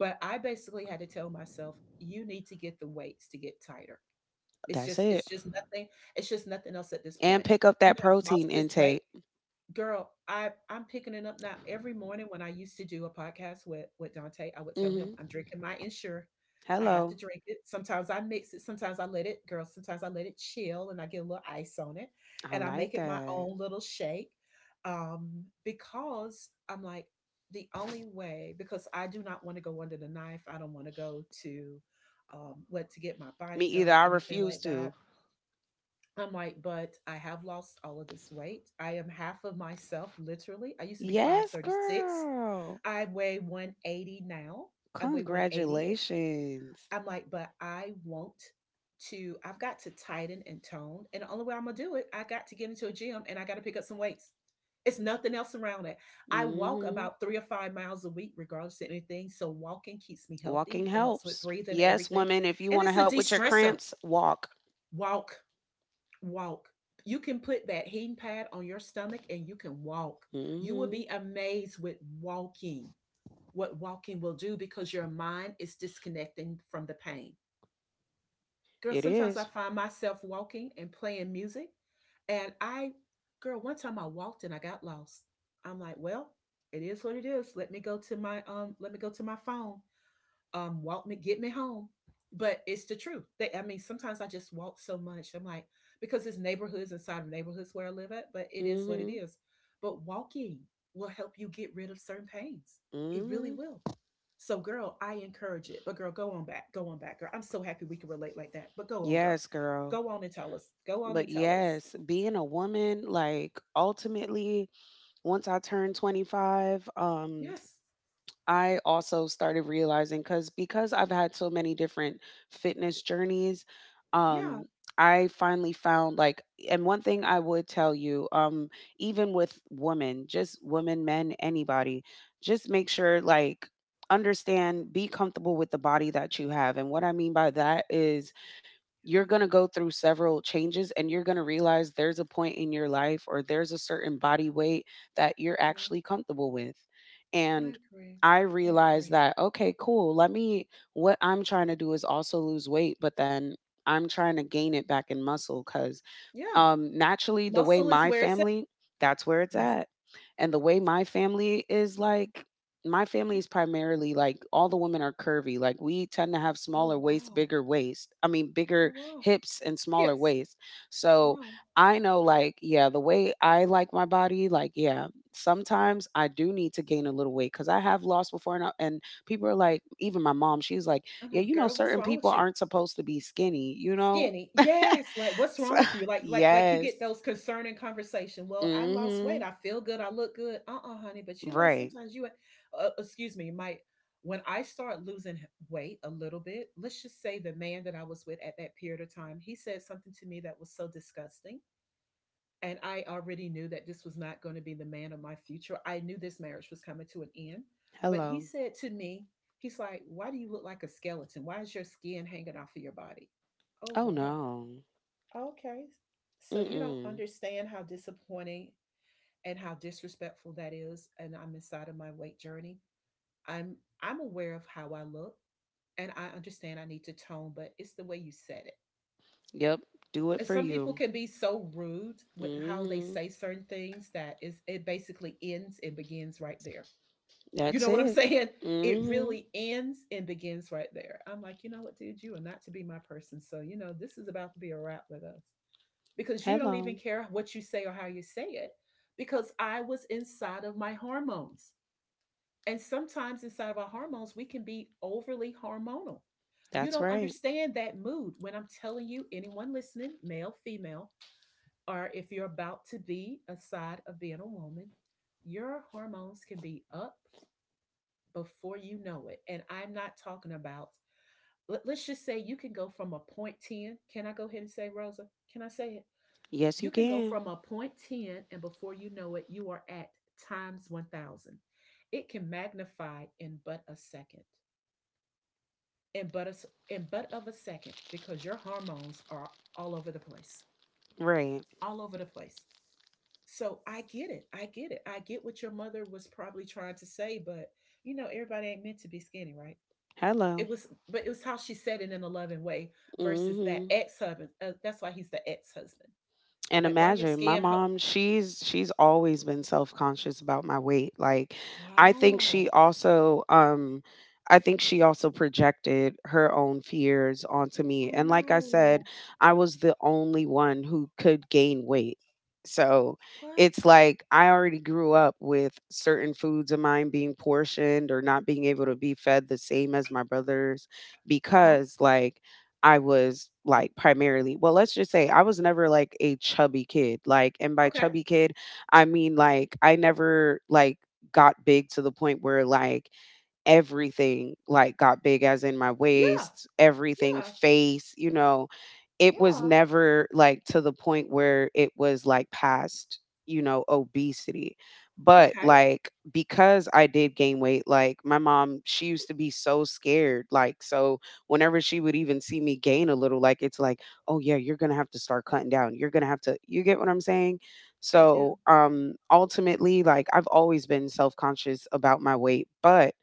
[SPEAKER 1] But I basically had to tell myself, you need to get the weights to get tighter. It's
[SPEAKER 2] that's
[SPEAKER 1] just,
[SPEAKER 2] it.
[SPEAKER 1] it's just nothing. It's just nothing else at this
[SPEAKER 2] And
[SPEAKER 1] point.
[SPEAKER 2] pick up
[SPEAKER 1] You
[SPEAKER 2] that
[SPEAKER 1] have
[SPEAKER 2] protein
[SPEAKER 1] lost this weight
[SPEAKER 2] intake.
[SPEAKER 1] girl I'm picking it up now. Every morning when I used to do a podcast with Dante, I would tell him
[SPEAKER 2] Hmm.
[SPEAKER 1] I'm drinking my Insure. I have to
[SPEAKER 2] Hello.
[SPEAKER 1] drink it. Sometimes I mix it, sometimes I let it girl sometimes I let it chill and I get a little ice on it
[SPEAKER 2] I
[SPEAKER 1] and I make
[SPEAKER 2] like
[SPEAKER 1] it my
[SPEAKER 2] that.
[SPEAKER 1] own little shake, because I'm like, the only way, because I do not want to go under the knife. I don't want to go to what to get my
[SPEAKER 2] Me
[SPEAKER 1] body
[SPEAKER 2] either.
[SPEAKER 1] done or
[SPEAKER 2] I
[SPEAKER 1] anything
[SPEAKER 2] refuse
[SPEAKER 1] like
[SPEAKER 2] to.
[SPEAKER 1] that. I'm like, but I have lost all of this weight. I am half of myself, literally. I used to be
[SPEAKER 2] Yes,
[SPEAKER 1] 536.
[SPEAKER 2] girl.
[SPEAKER 1] I weigh 180 now. I weigh 180. And
[SPEAKER 2] Congratulations.
[SPEAKER 1] I'm like, but I want to, I've got to tighten and tone. And the only way I'm going to do it, I got to get into a gym and I got to pick up some weights. It's nothing else around it. I walk
[SPEAKER 2] Hmm.
[SPEAKER 1] about 3 or 5 miles a week, regardless of anything. So walking keeps me
[SPEAKER 2] Walking
[SPEAKER 1] healthy. It helps with
[SPEAKER 2] helps.
[SPEAKER 1] breathing,
[SPEAKER 2] Yes,
[SPEAKER 1] everything.
[SPEAKER 2] women, if you
[SPEAKER 1] And
[SPEAKER 2] want to
[SPEAKER 1] it's a
[SPEAKER 2] help
[SPEAKER 1] de
[SPEAKER 2] with your
[SPEAKER 1] stressor.
[SPEAKER 2] cramps, walk.
[SPEAKER 1] Walk walk. You can put that heating pad on your stomach and you can walk. You will
[SPEAKER 2] Mm-hmm.
[SPEAKER 1] be amazed with walking, what walking will do because your mind is disconnecting from the pain. Girl,
[SPEAKER 2] It
[SPEAKER 1] sometimes I
[SPEAKER 2] is.
[SPEAKER 1] find myself walking and playing music. And I, Girl, one time I walked and I got lost. I'm like, well, it is what it is. Let me go to my phone. Walk me, get me home. But it's the truth. I mean, sometimes I just walk so much I'm like, because it's neighborhoods inside of neighborhoods where I live at. But it is what it
[SPEAKER 2] Mm-hmm.
[SPEAKER 1] is. But walking will help you get rid of certain pains. It really
[SPEAKER 2] Mm-hmm.
[SPEAKER 1] will. So girl, I encourage it. But girl, go on back, go on back. Girl, I'm so happy we can relate like that. But go on, girl.
[SPEAKER 2] Yes, girl.
[SPEAKER 1] Go on and tell us, go on
[SPEAKER 2] But
[SPEAKER 1] and tell us.
[SPEAKER 2] yes, being a woman, like ultimately, once I turned 25,
[SPEAKER 1] Yes.
[SPEAKER 2] I also started realizing cuz because I've had so many different fitness journeys, um
[SPEAKER 1] Yeah.
[SPEAKER 2] I finally found like, and one thing I would tell you, even with women, just women, men, anybody, just make sure like, understand, be comfortable with the body that you have. And what I mean by that is you're going to go through several changes and you're going to realize there's a point in your life or there's a certain body weight that you're
[SPEAKER 1] No,
[SPEAKER 2] actually comfortable with.
[SPEAKER 1] I
[SPEAKER 2] And
[SPEAKER 1] agree.
[SPEAKER 2] I
[SPEAKER 1] I
[SPEAKER 2] realized
[SPEAKER 1] agree.
[SPEAKER 2] that, okay, cool. Let me, what I'm trying to do is also lose weight, but then I'm trying to gain it back in muscle because,
[SPEAKER 1] Yeah,
[SPEAKER 2] naturally, the way
[SPEAKER 1] muscle is
[SPEAKER 2] my
[SPEAKER 1] where it's at.
[SPEAKER 2] family, that's where it's
[SPEAKER 1] Yes.
[SPEAKER 2] at. And the way
[SPEAKER 1] Yes.
[SPEAKER 2] my family is like, my family
[SPEAKER 1] Uh-huh.
[SPEAKER 2] is primarily like all the women are curvy. Like we tend to have
[SPEAKER 1] Oh,
[SPEAKER 2] smaller waist,
[SPEAKER 1] wow.
[SPEAKER 2] bigger waist. I mean,
[SPEAKER 1] Oh,
[SPEAKER 2] bigger
[SPEAKER 1] wow.
[SPEAKER 2] hips and smaller
[SPEAKER 1] Hips.
[SPEAKER 2] waist. So
[SPEAKER 1] Wow.
[SPEAKER 2] I know, like, yeah, the way I like my body, like, yeah, sometimes I do need to gain a little weight because I have lost before. And people are like, even my mom, she's like,
[SPEAKER 1] I
[SPEAKER 2] "Yeah,
[SPEAKER 1] know,
[SPEAKER 2] you know,
[SPEAKER 1] girl, what's
[SPEAKER 2] certain
[SPEAKER 1] wrong
[SPEAKER 2] people
[SPEAKER 1] with you?
[SPEAKER 2] aren't supposed to be skinny, you know?"
[SPEAKER 1] Skinny.
[SPEAKER 2] [LAUGHS]
[SPEAKER 1] Yes. Like, what's
[SPEAKER 2] So,
[SPEAKER 1] wrong with you?
[SPEAKER 2] [LAUGHS]
[SPEAKER 1] Like you
[SPEAKER 2] yes.
[SPEAKER 1] get those concerning conversation. Well, I lost weight.
[SPEAKER 2] Mhm.
[SPEAKER 1] I feel good. I look good. Uh-uh, honey. But you know,
[SPEAKER 2] Right.
[SPEAKER 1] sometimes you, excuse me, might, when I start losing weight a little bit, let's just say the man that I was with at that period of time, he said something to me that was so disgusting. And I already knew that this was not going to be the man of my future. I knew this marriage was coming to an end. But he
[SPEAKER 2] Hello.
[SPEAKER 1] said to me, he's like, why do you look like a skeleton? Why is your skin hanging off of your body? Oh,
[SPEAKER 2] Oh
[SPEAKER 1] wow.
[SPEAKER 2] no.
[SPEAKER 1] Okay. So you don't
[SPEAKER 2] Mm-mm.
[SPEAKER 1] understand how disappointing and how disrespectful that is. And I'm inside of my weight journey. I'm I'm aware of how I look and I understand I need to tone, but it's the way you said it
[SPEAKER 2] Yep. Do it
[SPEAKER 1] and
[SPEAKER 2] for
[SPEAKER 1] some people
[SPEAKER 2] you.
[SPEAKER 1] can be so rude
[SPEAKER 2] Mm.
[SPEAKER 1] with how they
[SPEAKER 2] Mhm.
[SPEAKER 1] say certain things that is it basically ends and begins right there. You
[SPEAKER 2] That's
[SPEAKER 1] know what I'm [LAUGHS]
[SPEAKER 2] it.
[SPEAKER 1] saying?
[SPEAKER 2] Mm.
[SPEAKER 1] It
[SPEAKER 2] Mhm.
[SPEAKER 1] really ends and begins right there. I'm like, you know what, dude, you are not to be my person. So, you know, this is about to be a wrap with us because you don't even
[SPEAKER 2] Hello.
[SPEAKER 1] care what you say or how you say it because I was inside of my hormones. And sometimes inside of our hormones, we can be overly hormonal. You
[SPEAKER 2] That's
[SPEAKER 1] don't
[SPEAKER 2] right.
[SPEAKER 1] understand that mood when I'm telling you, anyone listening, male, female, or if you're about to be a side of being a woman, your hormones can be up before you know it. And I'm not talking about, let us just say you can go from a point 10. Can I go ahead and say, Rosa? Can I say it?
[SPEAKER 2] Yes,
[SPEAKER 1] You
[SPEAKER 2] you
[SPEAKER 1] can go
[SPEAKER 2] can.
[SPEAKER 1] from a point 10, and before you know it, you are at times 1,000. It can magnify in but a second, in but, a in but of a second, because your hormones are all over the place,
[SPEAKER 2] Right.
[SPEAKER 1] all over the place. So I get it. I get it. I get what your mother was probably trying to say, but you know, everybody ain't meant to be skinny, right? It
[SPEAKER 2] Hello.
[SPEAKER 1] was, but it was how she said it in a loving way
[SPEAKER 2] Mm.
[SPEAKER 1] versus that
[SPEAKER 2] Mhm.
[SPEAKER 1] ex husband. That's why he's the ex husband.
[SPEAKER 2] And
[SPEAKER 1] Like, why your
[SPEAKER 2] imagine my
[SPEAKER 1] skin? Ho-
[SPEAKER 2] mom, she's always been self-conscious about my weight. Like, I think she
[SPEAKER 1] wow.
[SPEAKER 2] also I think she also projected her own fears onto me.
[SPEAKER 1] Oh
[SPEAKER 2] And like I said,
[SPEAKER 1] no.
[SPEAKER 2] I was the only one who could gain weight. So
[SPEAKER 1] What?
[SPEAKER 2] it's like I already grew up with certain foods of mine being portioned or not being able to be fed the same as my brothers
[SPEAKER 1] Uh huh.
[SPEAKER 2] because, like, I was like primarily, well, let's just say I was never like a chubby kid. Like, and by
[SPEAKER 1] Okay.
[SPEAKER 2] chubby kid, I mean, like, I never like got big to the point where like everything like got big as in my
[SPEAKER 1] Yeah.
[SPEAKER 2] waist, everything,
[SPEAKER 1] Yeah.
[SPEAKER 2] face, you know, it was
[SPEAKER 1] Yeah.
[SPEAKER 2] never like to the point where it was like past, you know, obesity, but
[SPEAKER 1] Okay.
[SPEAKER 2] like, because I did gain weight, like, my mom, she used to be so scared, like, so whenever she would even see me gain a little, like, it's like, "Oh, yeah, you're gonna have to start cutting down. You're gonna have to—" you get what I'm saying?
[SPEAKER 1] I do.
[SPEAKER 2] So, ultimately, like, I've always been self-conscious about my weight, but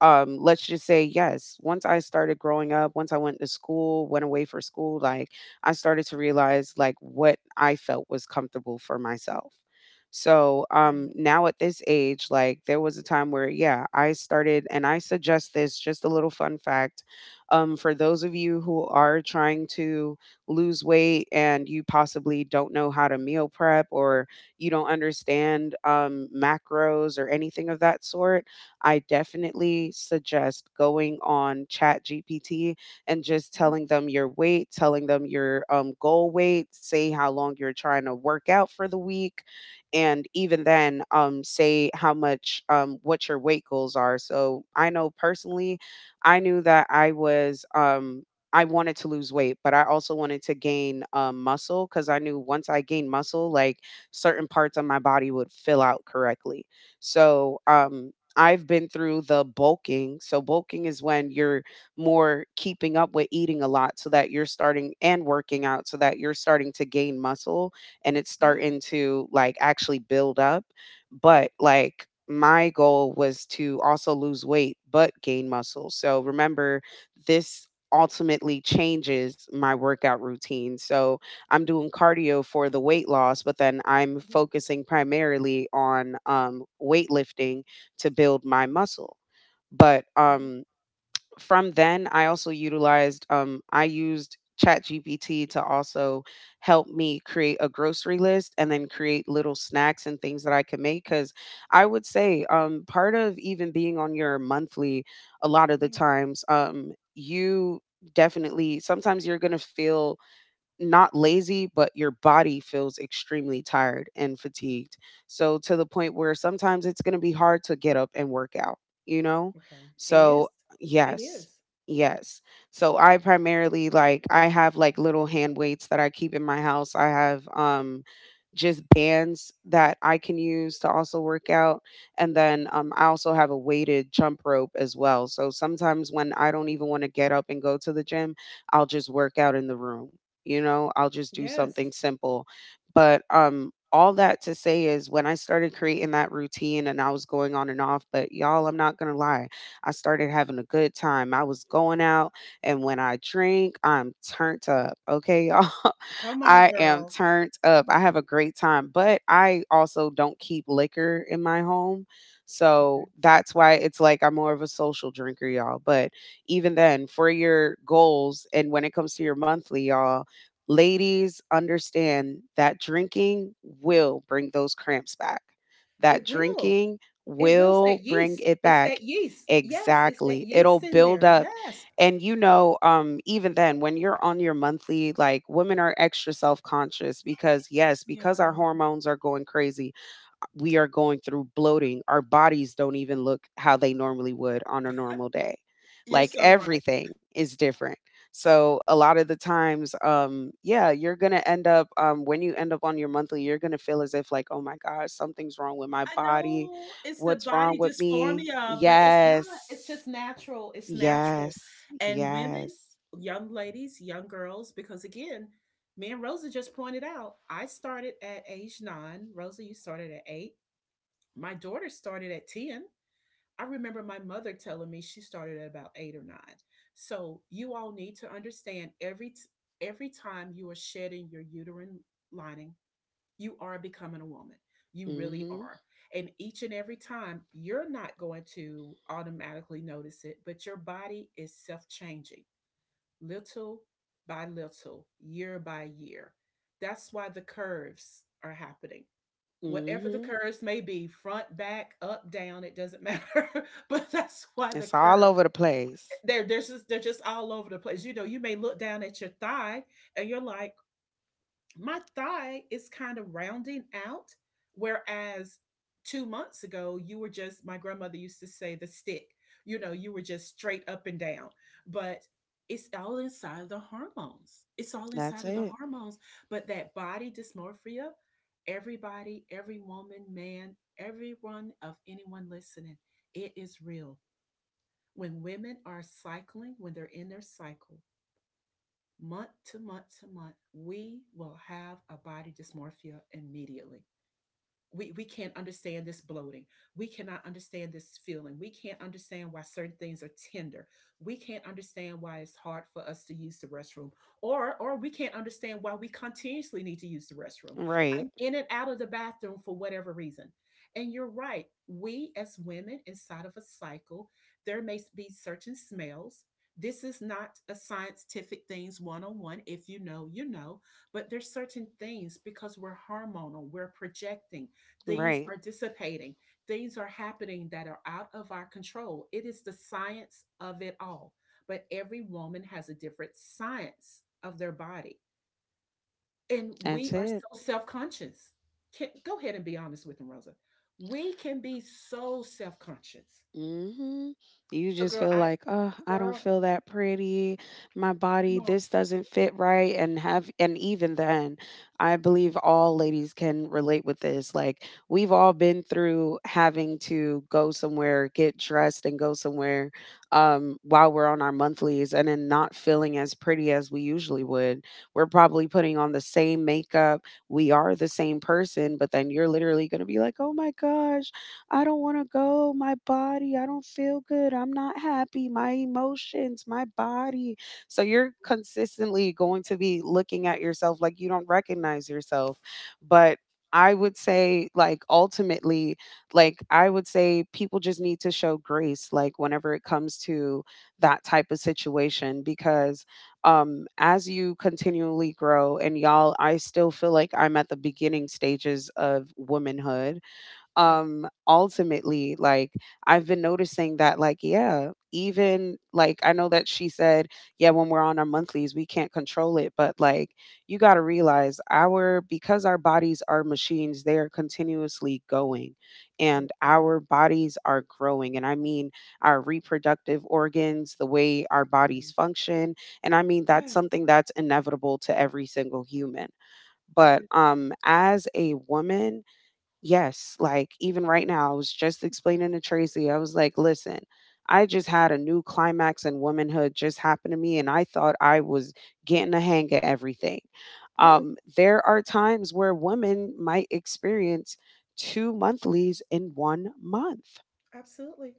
[SPEAKER 2] let's just say yes. Once I started growing up, once I went to school, went away for school, like I started to realize like what I felt was comfortable for myself. So
[SPEAKER 1] Yeah.
[SPEAKER 2] now at this age, like there was a time where, yeah, I started, and I suggest this just a little fun fact, for those of you who are trying to lose weight and you possibly don't know how to meal prep or you don't understand macros or anything of that sort. I definitely suggest going on ChatGPT and just
[SPEAKER 1] Hmm.
[SPEAKER 2] telling them your weight, telling them your goal weight, say how long you're trying to work out for the week, and even then, say how much, what your weight goals are. So I know personally, I knew that I was. I wanted to lose weight, but I also wanted to gain muscle because I knew once I gained muscle, like certain parts of my body would fill out correctly. So
[SPEAKER 1] Okay.
[SPEAKER 2] I've been through the bulking. So bulking is when you're more keeping up with eating a lot so that you're starting and working out so that you're starting to gain muscle, and it's
[SPEAKER 1] Yes.
[SPEAKER 2] starting to like actually build up. But like my goal was to also lose weight but gain muscle. So remember, this ultimately changes my workout routine. So I'm doing cardio for the weight loss, but then I'm
[SPEAKER 1] Hmm.
[SPEAKER 2] focusing primarily on weightlifting to build my muscle. But
[SPEAKER 1] Hmm.
[SPEAKER 2] from then, I also utilized, I used ChatGPT to also help me create a grocery list and then create little snacks and things that I could make. Because I would say, part of even being on your monthly, a lot of the
[SPEAKER 1] Yeah.
[SPEAKER 2] times, you definitely sometimes you're going to feel not lazy, but your body feels extremely tired and fatigued. So to the point where sometimes it's going to be hard to get up and work out, you know?
[SPEAKER 1] Okay. It
[SPEAKER 2] So,
[SPEAKER 1] is. It
[SPEAKER 2] yes.
[SPEAKER 1] is.
[SPEAKER 2] Yes. So I primarily, like, I have like little hand weights that I keep in my house. I have just bands that I can use to also work out, and then I also have a weighted jump rope as well. So sometimes when I don't even want to get up and go to the gym, I'll just work out in the room, you know, I'll just do something
[SPEAKER 1] Yes.
[SPEAKER 2] simple. But all that to say is, when I started creating that routine and I was going on and off, but y'all, I'm not going to lie, I started having a good time. I was going out, and when I drink, I'm turned up. Okay, y'all. [LAUGHS]
[SPEAKER 1] Come on,
[SPEAKER 2] I am
[SPEAKER 1] girl.
[SPEAKER 2] turned up. I have a great time, but I also don't keep liquor in my home. So that's why it's like I'm more of a social drinker, y'all. But even then, for your goals and when it comes to your monthly, y'all, ladies, understand that drinking will bring those cramps back. That
[SPEAKER 1] It will.
[SPEAKER 2] drinking
[SPEAKER 1] It will. It's that
[SPEAKER 2] will bring
[SPEAKER 1] yeast.
[SPEAKER 2] it
[SPEAKER 1] It's that
[SPEAKER 2] back.
[SPEAKER 1] yeast. Yes, it's that
[SPEAKER 2] Exactly. It'll
[SPEAKER 1] yeast in
[SPEAKER 2] build
[SPEAKER 1] there.
[SPEAKER 2] up.
[SPEAKER 1] Yes.
[SPEAKER 2] And you know, even then, when you're on your monthly, like women are extra self conscious because, yes, because
[SPEAKER 1] Yeah,
[SPEAKER 2] our hormones are going crazy, we are going through bloating. Our bodies don't even look how they normally would on a normal day.
[SPEAKER 1] you're
[SPEAKER 2] Like
[SPEAKER 1] so right.
[SPEAKER 2] everything is different. So a lot of the times, yeah, you're gonna end up, when you end up on your monthly, you're gonna feel as if like, oh my gosh, something's wrong with my
[SPEAKER 1] I
[SPEAKER 2] body.
[SPEAKER 1] know it's the
[SPEAKER 2] What's
[SPEAKER 1] body
[SPEAKER 2] wrong with me?
[SPEAKER 1] dysphoria, but it's not. It's just
[SPEAKER 2] Yes,
[SPEAKER 1] natural. It's natural.
[SPEAKER 2] yes,
[SPEAKER 1] And women,
[SPEAKER 2] yes.
[SPEAKER 1] young ladies, young girls, because again, me and Rosa just pointed out, I started at age nine. Rosa, you started at eight. My daughter started at 10. I remember my mother telling me she started at about eight or nine. So you all need to understand every time you are shedding your uterine lining, you are becoming a woman. You really
[SPEAKER 2] Mhm,
[SPEAKER 1] are. And each and every time, you're not going to automatically notice it, but your body is self changing little by little, year by year. That's why the curves are happening. Whatever the
[SPEAKER 2] mhm.
[SPEAKER 1] curves may be, front, back, up, down, it doesn't matter. [LAUGHS] But that's why the
[SPEAKER 2] It's all
[SPEAKER 1] curves,
[SPEAKER 2] over the place.
[SPEAKER 1] they're just all over the place. You know, you may look down at your thigh and you're like, my thigh is kind of rounding out, whereas 2 months ago you were just, my grandmother used to say, the stick. You know, you were just straight up and down, but it's all inside of the hormones. It's all
[SPEAKER 2] That's
[SPEAKER 1] inside of the
[SPEAKER 2] it.
[SPEAKER 1] hormones. But that body dysmorphia, everybody, every woman, man, everyone of anyone listening, it is real. When women are cycling, when they're in their cycle, month to month to month, we will have a body dysmorphia immediately. We can't understand this bloating. We cannot understand this feeling. We can't understand why certain things are tender. We can't understand why it's hard for us to use the restroom. Or we can't understand why we continuously need to use the restroom.
[SPEAKER 2] Right,
[SPEAKER 1] I'm in and out of the bathroom for whatever reason. And you're right. We as women inside of a cycle, there may be certain smells. This is not a scientific things one on one. If you know, you know. But there's certain things, because we're hormonal, we're projecting. Things
[SPEAKER 2] right.
[SPEAKER 1] are dissipating. Things are happening that are out of our control. It is the science of it all. But every woman has a different science of their body. And
[SPEAKER 2] That's
[SPEAKER 1] we are so
[SPEAKER 2] it.
[SPEAKER 1] self conscious. Go ahead and be honest with them, Rosa. We can be so self conscious.
[SPEAKER 2] Hmm. You
[SPEAKER 1] So,
[SPEAKER 2] just
[SPEAKER 1] girl,
[SPEAKER 2] feel
[SPEAKER 1] I,
[SPEAKER 2] like, oh, I don't
[SPEAKER 1] girl,
[SPEAKER 2] feel that pretty. My
[SPEAKER 1] come
[SPEAKER 2] body,
[SPEAKER 1] on.
[SPEAKER 2] this doesn't fit right. And even then, I believe all ladies can relate with this. Like, we've all been through having to go somewhere, get dressed, and go somewhere while we're on our monthlies and then not feeling as pretty as we usually would. We're probably putting on the same makeup. We are the same person, but then you're literally going to be like, oh my gosh. I don't want to go. My body, I don't feel good. I'm not happy. My emotions, my body. So you're consistently going to be looking at yourself like you don't recognize yourself. But I would say, like, ultimately, like, I would say people just need to show grace, like, whenever it comes to that type of situation, because as you continually grow, and y'all, I still feel like I'm at the beginning stages of womanhood.
[SPEAKER 1] Yeah,
[SPEAKER 2] Ultimately, like, I've been noticing that like, yeah, even like, I know that she said, yeah, when we're on our monthlies we can't control it, but like, you got to realize our because our bodies are machines, they are continuously going,
[SPEAKER 1] they
[SPEAKER 2] and
[SPEAKER 1] are
[SPEAKER 2] our bodies are growing, and I mean, our reproductive organs, the way our
[SPEAKER 1] insane.
[SPEAKER 2] bodies function, and I mean, that's
[SPEAKER 1] Yes,
[SPEAKER 2] something that's inevitable to every single human.
[SPEAKER 1] it
[SPEAKER 2] But
[SPEAKER 1] is.
[SPEAKER 2] as a woman, yes, like even right now, I was just explaining to Tracy. I was like, listen, I just had a new climax in womanhood just happen to me, and I thought I was getting the hang of everything.
[SPEAKER 1] Yes,
[SPEAKER 2] There are times where women might experience two monthlies in one month.
[SPEAKER 1] absolutely.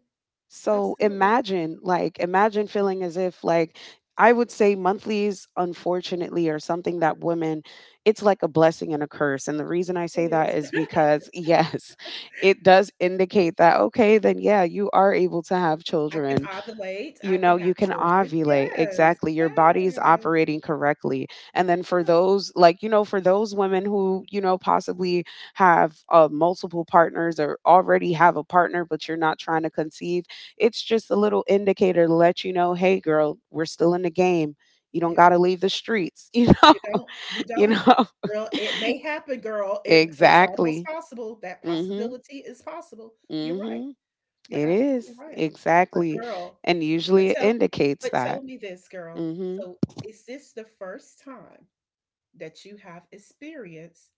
[SPEAKER 2] So
[SPEAKER 1] Absolutely.
[SPEAKER 2] imagine, like, imagine feeling as if, like, I would say monthlies, unfortunately, are something that women, it's like a blessing and a curse. And the reason I
[SPEAKER 1] It
[SPEAKER 2] say that
[SPEAKER 1] is.
[SPEAKER 2] is
[SPEAKER 1] [LAUGHS]
[SPEAKER 2] because, yes, [LAUGHS] it does indicate that, okay, then yeah, you are able to have
[SPEAKER 1] I can
[SPEAKER 2] children,
[SPEAKER 1] ovulate.
[SPEAKER 2] you
[SPEAKER 1] I can
[SPEAKER 2] know, you
[SPEAKER 1] have
[SPEAKER 2] can
[SPEAKER 1] children.
[SPEAKER 2] ovulate.
[SPEAKER 1] Yes.
[SPEAKER 2] Exactly. Your body is
[SPEAKER 1] Yes.
[SPEAKER 2] operating correctly. And then for
[SPEAKER 1] Yes.
[SPEAKER 2] those, like, you know, for those women who, you know, possibly have multiple partners or already have a partner, but you're not trying to conceive, it's just a little indicator to let you know, hey, girl, we're still in the game. You don't got
[SPEAKER 1] Yeah.
[SPEAKER 2] to leave the streets, [LAUGHS] you know?
[SPEAKER 1] You don't. You
[SPEAKER 2] You
[SPEAKER 1] don't.
[SPEAKER 2] know?
[SPEAKER 1] Girl, it may happen, girl.
[SPEAKER 2] [LAUGHS]
[SPEAKER 1] It's almost
[SPEAKER 2] Exactly.
[SPEAKER 1] possible. That
[SPEAKER 2] Mm
[SPEAKER 1] possibility is possible.
[SPEAKER 2] hmm.
[SPEAKER 1] You're
[SPEAKER 2] Mm
[SPEAKER 1] right.
[SPEAKER 2] hmm.
[SPEAKER 1] You're
[SPEAKER 2] It is.
[SPEAKER 1] absolutely right. But
[SPEAKER 2] Exactly.
[SPEAKER 1] girl,
[SPEAKER 2] And
[SPEAKER 1] but
[SPEAKER 2] usually it
[SPEAKER 1] tell
[SPEAKER 2] indicates
[SPEAKER 1] but
[SPEAKER 2] that.
[SPEAKER 1] tell me this, girl.
[SPEAKER 2] Mm hmm.
[SPEAKER 1] So is this the first time that you have experienced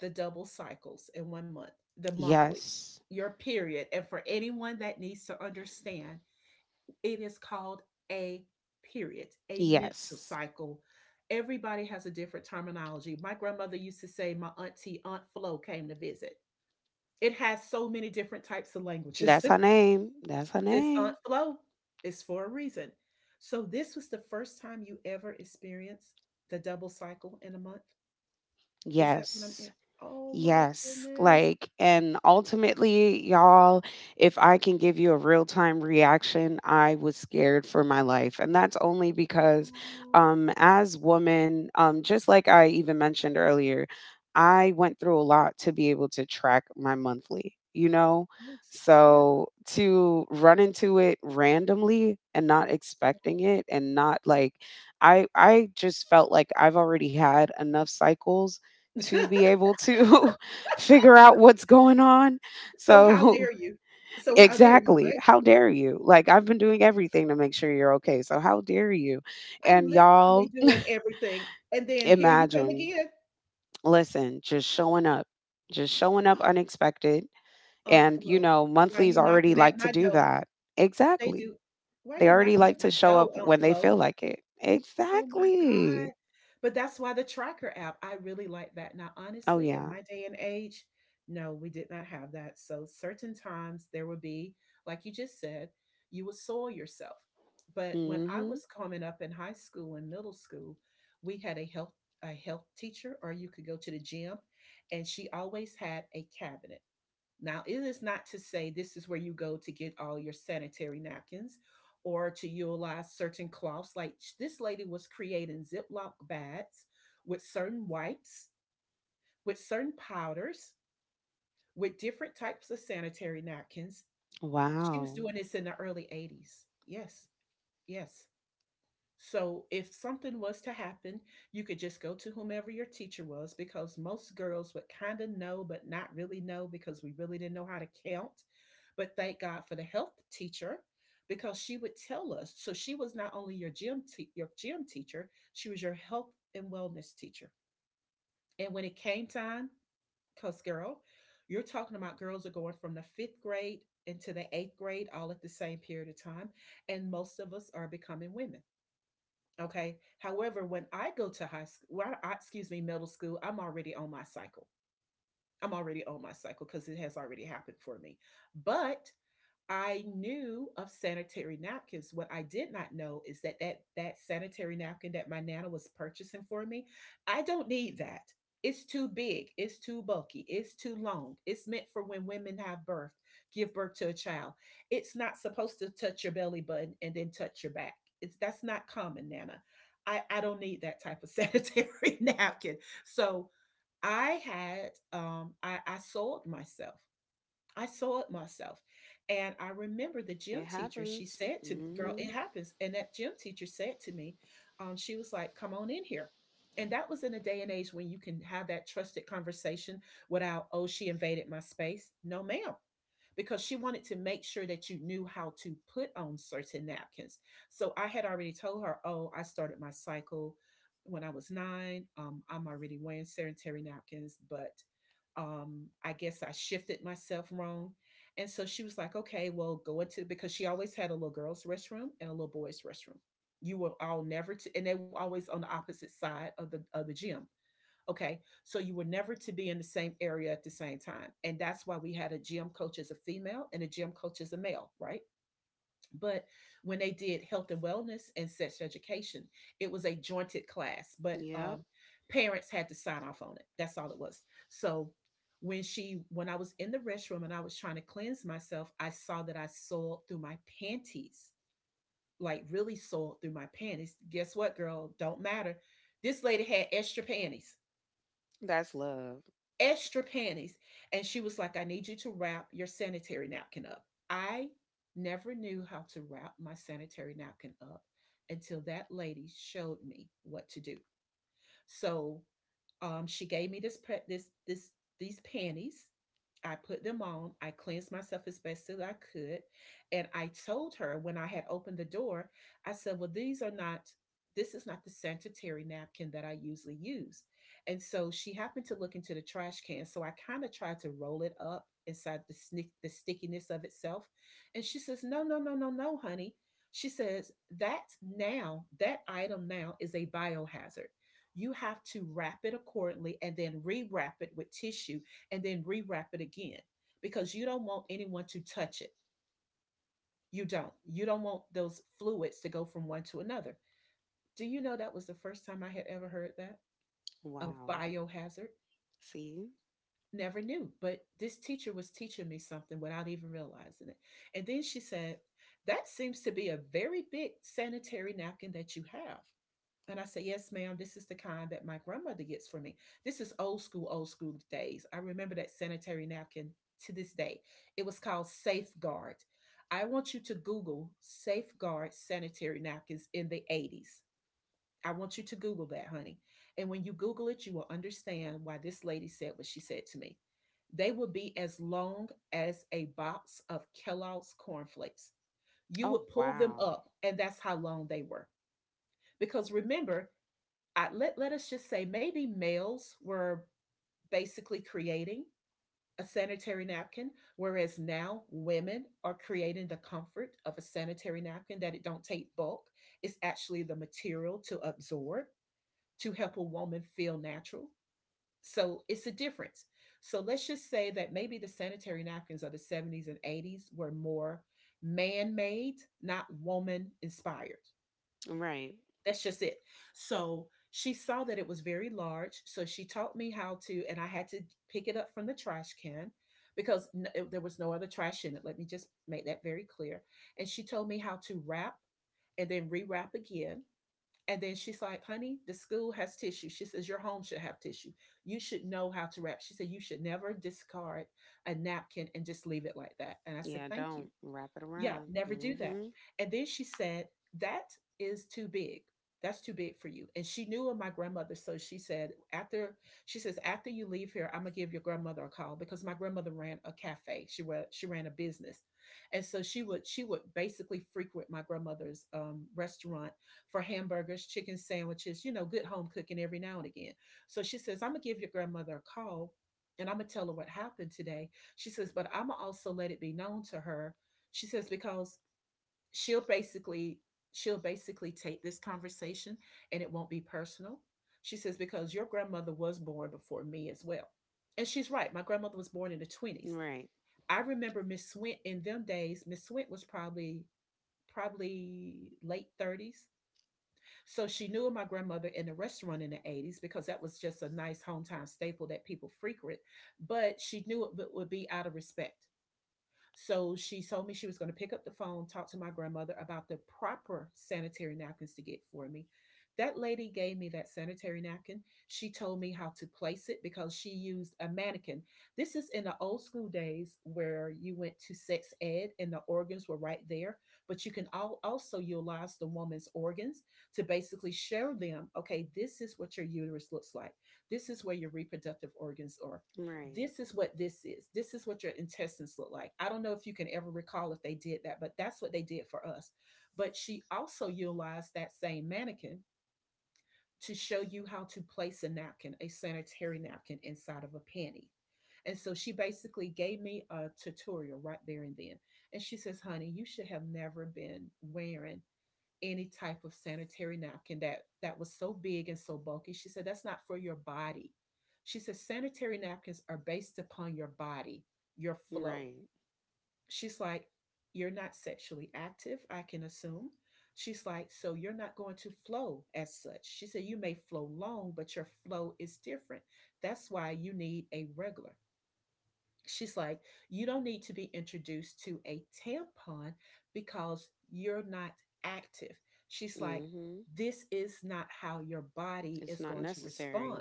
[SPEAKER 1] the double cycles in 1 month, the monthly,
[SPEAKER 2] Yes.
[SPEAKER 1] your period? And for anyone that needs to understand, it is called a period, a menstrual
[SPEAKER 2] Yes.
[SPEAKER 1] cycle. Everybody has a different terminology. My grandmother used to say, my auntie, Aunt Flo came to visit. It has so many different types of languages.
[SPEAKER 2] That's her
[SPEAKER 1] [LAUGHS]
[SPEAKER 2] name. That's her
[SPEAKER 1] It's on
[SPEAKER 2] name.
[SPEAKER 1] flow. It's for a reason. So this was the first time you ever experienced the double cycle in a month? Is that what I'm
[SPEAKER 2] Yes.
[SPEAKER 1] hear. Oh my
[SPEAKER 2] Yes,
[SPEAKER 1] goodness.
[SPEAKER 2] like, and ultimately, y'all, if I can give you a real time reaction, I was scared for my life. And that's only because,
[SPEAKER 1] Oh,
[SPEAKER 2] as women, just like I even mentioned earlier, I went through a lot to be able to track my monthly, you know?
[SPEAKER 1] yes, yes.
[SPEAKER 2] So to run into it randomly and not expecting it and not like, I just felt like I've already had enough cycles to be able to [LAUGHS] figure out what's going on.
[SPEAKER 1] So how
[SPEAKER 2] So,
[SPEAKER 1] dare you?
[SPEAKER 2] [LAUGHS]
[SPEAKER 1] So how dare you,
[SPEAKER 2] exactly.
[SPEAKER 1] right?
[SPEAKER 2] How dare you? Like, I've been doing everything to make sure you're okay. So, how dare you?
[SPEAKER 1] I'm
[SPEAKER 2] And
[SPEAKER 1] literally
[SPEAKER 2] y'all,
[SPEAKER 1] doing everything, and then
[SPEAKER 2] [CLEARS THROAT]
[SPEAKER 1] here you come
[SPEAKER 2] imagine,
[SPEAKER 1] again.
[SPEAKER 2] listen, just showing
[SPEAKER 1] Oh,
[SPEAKER 2] up unexpected.
[SPEAKER 1] Aunt
[SPEAKER 2] And, you
[SPEAKER 1] Flo,
[SPEAKER 2] know,
[SPEAKER 1] why you
[SPEAKER 2] monthlies
[SPEAKER 1] knocking
[SPEAKER 2] already
[SPEAKER 1] at
[SPEAKER 2] like
[SPEAKER 1] my
[SPEAKER 2] to do
[SPEAKER 1] door?
[SPEAKER 2] that.
[SPEAKER 1] They
[SPEAKER 2] Exactly.
[SPEAKER 1] do. Why
[SPEAKER 2] They
[SPEAKER 1] you
[SPEAKER 2] already
[SPEAKER 1] knocking at
[SPEAKER 2] like
[SPEAKER 1] my
[SPEAKER 2] to show
[SPEAKER 1] door,
[SPEAKER 2] up
[SPEAKER 1] Aunt
[SPEAKER 2] when they
[SPEAKER 1] Flo?
[SPEAKER 2] feel like it.
[SPEAKER 1] Oh my god.
[SPEAKER 2] Exactly.
[SPEAKER 1] But that's why the tracker app, I really like that. Now,
[SPEAKER 2] Oh,
[SPEAKER 1] honestly, in
[SPEAKER 2] yeah.
[SPEAKER 1] my day and age, no, we did not have that. So, certain times there would be, like you just said, you would soil yourself. But when I
[SPEAKER 2] Hmm.
[SPEAKER 1] was coming up in high school and middle school, we had a health teacher, or you could go to the gym, and she always had a cabinet. Now, it is not to say this is where you go to get all your sanitary napkins or to utilize certain cloths. Like, this lady was creating Ziploc bags with certain wipes, with certain powders, with different types of sanitary napkins. She was
[SPEAKER 2] Wow.
[SPEAKER 1] doing this in the early 80s. Yes, yes. So if something was to happen, you could just go to whomever your teacher was, because most girls would kind of know, but not really know because we really didn't know how to count. But thank God for the health teacher, because she would tell us. So she was not only your gym teacher, she was your health and wellness teacher. And when it came time, cause girl, you're talking about girls are going from the fifth grade into the eighth grade all at the same period of time, and most of us are becoming women. Okay. However, when I go to high school, well, I, excuse me, middle school, I'm already on my cycle. I'm already on my cycle because it has already happened for me. But I knew of sanitary napkins. What I did not know is that that sanitary napkin that my nana was purchasing for me, I don't need that. It's too big. It's too bulky. It's too long. It's meant for when women have birth, give birth to a child. It's not supposed to touch your belly button and then touch your back. It's that's not common, Nana. I don't need that type of sanitary [LAUGHS] napkin. So I had I sold myself. I saw it myself. And I remember the gym
[SPEAKER 2] It
[SPEAKER 1] teacher, she
[SPEAKER 2] happens.
[SPEAKER 1] said to me, Girl,
[SPEAKER 2] Hmm.
[SPEAKER 1] it happens. And that gym teacher said to me, she was like, Come on in here. And that was in a day and age when you can have that trusted conversation without, Oh, she invaded my space. No, ma'am. Because she wanted to make sure that you knew how to put on certain napkins. So I had already told her, Oh, I started my cycle when I was nine. I'm already wearing sanitary napkins, but I guess I shifted myself wrong. And so she was like, okay, well go into, because she always had a little girls restroom and a little boys restroom. You were all never to, and they were always on the opposite side of the gym. Okay, so you were never to be in the same area at the same time, and that's why we had a gym coach as a female and a gym coach as a male, right? But when they did health and wellness and sex education, it was a jointed class, but
[SPEAKER 2] Yep.
[SPEAKER 1] parents had to sign off on it. That's all it was. So when she, when I was in the restroom and I was trying to cleanse myself, I saw that I soiled through my panties, like really soiled through my panties. Guess what, girl? Don't matter. This lady had extra panties,
[SPEAKER 2] That's love.
[SPEAKER 1] extra panties. And she was like, I need you to wrap your sanitary napkin up. I never knew how to wrap my sanitary napkin up until that lady showed me what to do. So she gave me this, this, this, these panties. I put them on. I cleansed myself as best as I could. And I told her when I had opened the door, I said, Well, these are not, this is not the sanitary napkin that I usually use. And so she happened to look into the trash can. So I kind of tried to roll it up inside the, snick, the stickiness of itself. And she says, No, no, no, no, no, honey. She says, that now, that item now is a biohazard. You have to wrap it accordingly and then rewrap it with tissue and then rewrap it again, because you don't want anyone to touch it. You don't. You don't want those fluids to go from one to another. Do you know that was the first time I had ever heard that of
[SPEAKER 2] Wow.
[SPEAKER 1] biohazard?
[SPEAKER 2] See?
[SPEAKER 1] Never knew, but this teacher was teaching me something without even realizing it. And then she said, that seems to be a very big sanitary napkin that you have. And I said, Yes, ma'am, this is the kind that my grandmother gets for me. This is old school days. I remember that sanitary napkin to this day. It was called Safeguard. I want you to Google Safeguard sanitary napkins in the 80s. I want you to Google that, honey. And when you Google it, you will understand why this lady said what she said to me. They would be as long as a box of Kellogg's cornflakes. You
[SPEAKER 2] Oh,
[SPEAKER 1] would pull them
[SPEAKER 2] wow.
[SPEAKER 1] up, and that's how long they were. Because remember, I, let, let us just say maybe males were basically creating a sanitary napkin, whereas now women are creating the comfort of a sanitary napkin that it don't take bulk. It's actually the material to absorb, to help a woman feel natural. So it's a difference. So let's just say that maybe the sanitary napkins of the 70s and 80s were more man-made, not woman inspired.
[SPEAKER 2] Right.
[SPEAKER 1] That's just it. So she saw that it was very large. So she taught me how to, and I had to pick it up from the trash can because n- it- there was no other trash in it. Let me just make that very clear. And she told me how to wrap and then rewrap again. And then she's like, honey, the school has tissue. She says, your home should have tissue. You should know how to wrap. She said, you should never discard a napkin and just leave it like that. And I said,
[SPEAKER 2] Yeah,
[SPEAKER 1] thank you.
[SPEAKER 2] don't wrap it
[SPEAKER 1] Yeah,
[SPEAKER 2] around.
[SPEAKER 1] never do that.
[SPEAKER 2] Mm-hmm.
[SPEAKER 1] And then she said, that is too big. That's too big for you. And she knew of my grandmother. So she said, after she says, after you leave here, I'm gonna give your grandmother a call, because my grandmother ran a cafe. She ran, she ran a business. And so she would, she would basically frequent my grandmother's restaurant for hamburgers, chicken sandwiches, you know, good home cooking every now and again. So she says, I'm gonna give your grandmother a call and I'm gonna tell her what happened today. She says, but I'm gonna also let it be known to her, she says, because she'll basically she'll basically take this conversation and it won't be personal. She says because your grandmother was born before me as well. And she's right. My grandmother was born in the 20s.
[SPEAKER 2] Right.
[SPEAKER 1] I remember Miss Swint in them days, Miss Swint was probably late 30s. So she knew my grandmother in the restaurant in the 80s because that was just a nice hometown staple that people frequent. But she knew it would- be out of respect. So she told me she was going to pick up the phone, talk to my grandmother about the proper sanitary napkins to get for me. That lady gave me that sanitary napkin. She told me how to place it because she used a mannequin. This is in the old school days where you went to sex ed and the organs were right there, but you can al- also utilize the woman's organs to basically show them, okay, this is what your uterus looks like. This is where your reproductive organs are,
[SPEAKER 2] Right.
[SPEAKER 1] this is what this is. This is what your intestines look like. I don't know if you can ever recall if they did that, but that's what they did for us. But she also utilized that same mannequin to show you how to place a napkin, a sanitary napkin, inside of a panty. And so she basically gave me a tutorial right there and then. And she says, honey, you should have never been wearing any type of sanitary napkin that was so big and so bulky. She said that's not for your body. She said sanitary napkins are based upon your body, your flow.
[SPEAKER 2] Right.
[SPEAKER 1] She's like, you're not sexually active, I can assume. She's like, so you're not going to flow as such. She said you may flow long, but your flow is different. That's why you need a regular. She's like, you don't need to be introduced to a tampon because you're not active. She's like,
[SPEAKER 2] Mm-hmm.
[SPEAKER 1] this is not how your body
[SPEAKER 2] It's
[SPEAKER 1] is
[SPEAKER 2] not
[SPEAKER 1] going to respond.
[SPEAKER 2] necessary.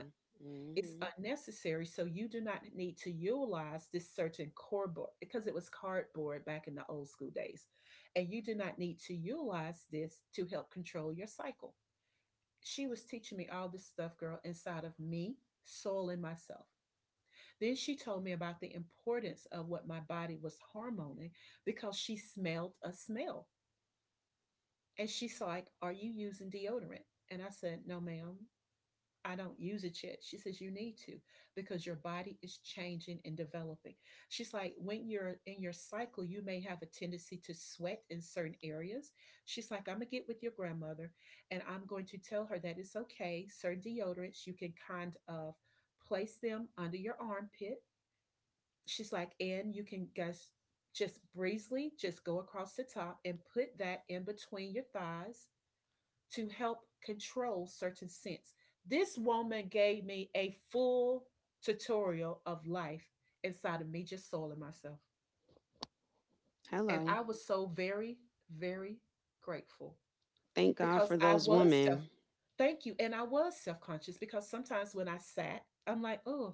[SPEAKER 1] It's
[SPEAKER 2] Mm-hmm.
[SPEAKER 1] unnecessary. So you do not need to utilize this certain cardboard, because it was cardboard back in the old school days. And you do not need to utilize this to help control your cycle. She was teaching me all this stuff, girl, inside of me, soul, and myself. Then she told me about the importance of what my body was hormoning because she smelled a smell. And she's like, are you using deodorant? And I said, No, ma'am, I don't use it yet. She says, you need to because your body is changing and developing. She's like, when you're in your cycle, you may have a tendency to sweat in certain areas. She's like, I'm going to get with your grandmother and I'm going to tell her that it's okay. Certain deodorants you can kind of place them under your armpit, she's like, and you can guys just breezily just go across the top and put that in between your thighs to help control certain scents. This woman gave me a full tutorial of life inside of me, just soiling myself. And
[SPEAKER 2] Hello.
[SPEAKER 1] I was so very, very grateful
[SPEAKER 2] Thank God
[SPEAKER 1] because
[SPEAKER 2] for
[SPEAKER 1] I
[SPEAKER 2] those
[SPEAKER 1] was self,
[SPEAKER 2] women.
[SPEAKER 1] thank you. And I was self conscious, because sometimes when I sat, I'm like, oh,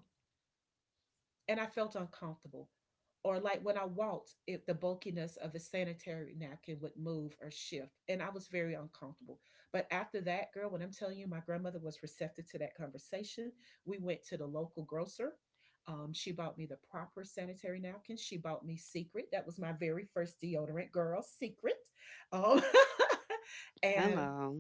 [SPEAKER 1] and I felt uncomfortable. Or like when I walked, if the bulkiness of the sanitary napkin would move or shift, and I was very uncomfortable. But after that, girl, when I'm telling you, my grandmother was receptive to that conversation. We went to the local grocer. She bought me the proper sanitary napkin. She bought me Secret. That was my very first deodorant, girl. Secret. Um, [LAUGHS] and
[SPEAKER 2] Hello.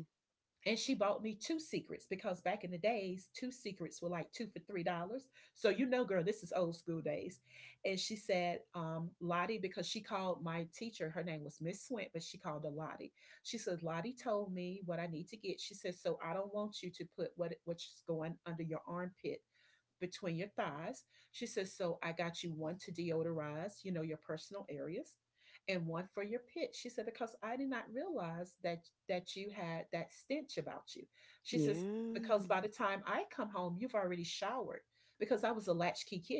[SPEAKER 1] and she bought me two secrets because back in the days, two secrets were like two for $3. So, girl, this is old school days. And she said, Lottie, because she called my teacher, her name was Miss Swint, but she called her Lottie. She said Lottie told me what I need to get. She said, so I don't want you to put what's going under your armpit between your thighs. She says, so I got you one to deodorize, your personal areas, and one for your pit. She said, because I did not realize that you had that stench about you. She says, because
[SPEAKER 2] Yeah.
[SPEAKER 1] by the time I come home, you've already showered because I was a latchkey kid.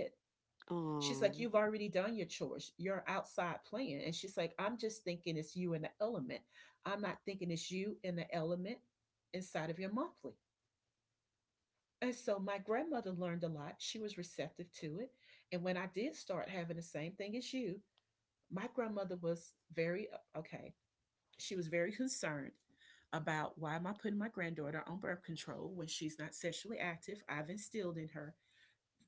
[SPEAKER 1] She's like,
[SPEAKER 2] Oh.
[SPEAKER 1] you've already done your chores. You're outside playing. And she's like, I'm just thinking it's you in the element. I'm not thinking it's you in the element inside of your monthly. And so my grandmother learned a lot. She was receptive to it. And when I did start having the same thing as you, my grandmother was very okay. She was very [LAUGHS] concerned about why am I putting my granddaughter on birth control when she's not sexually active. I've instilled in her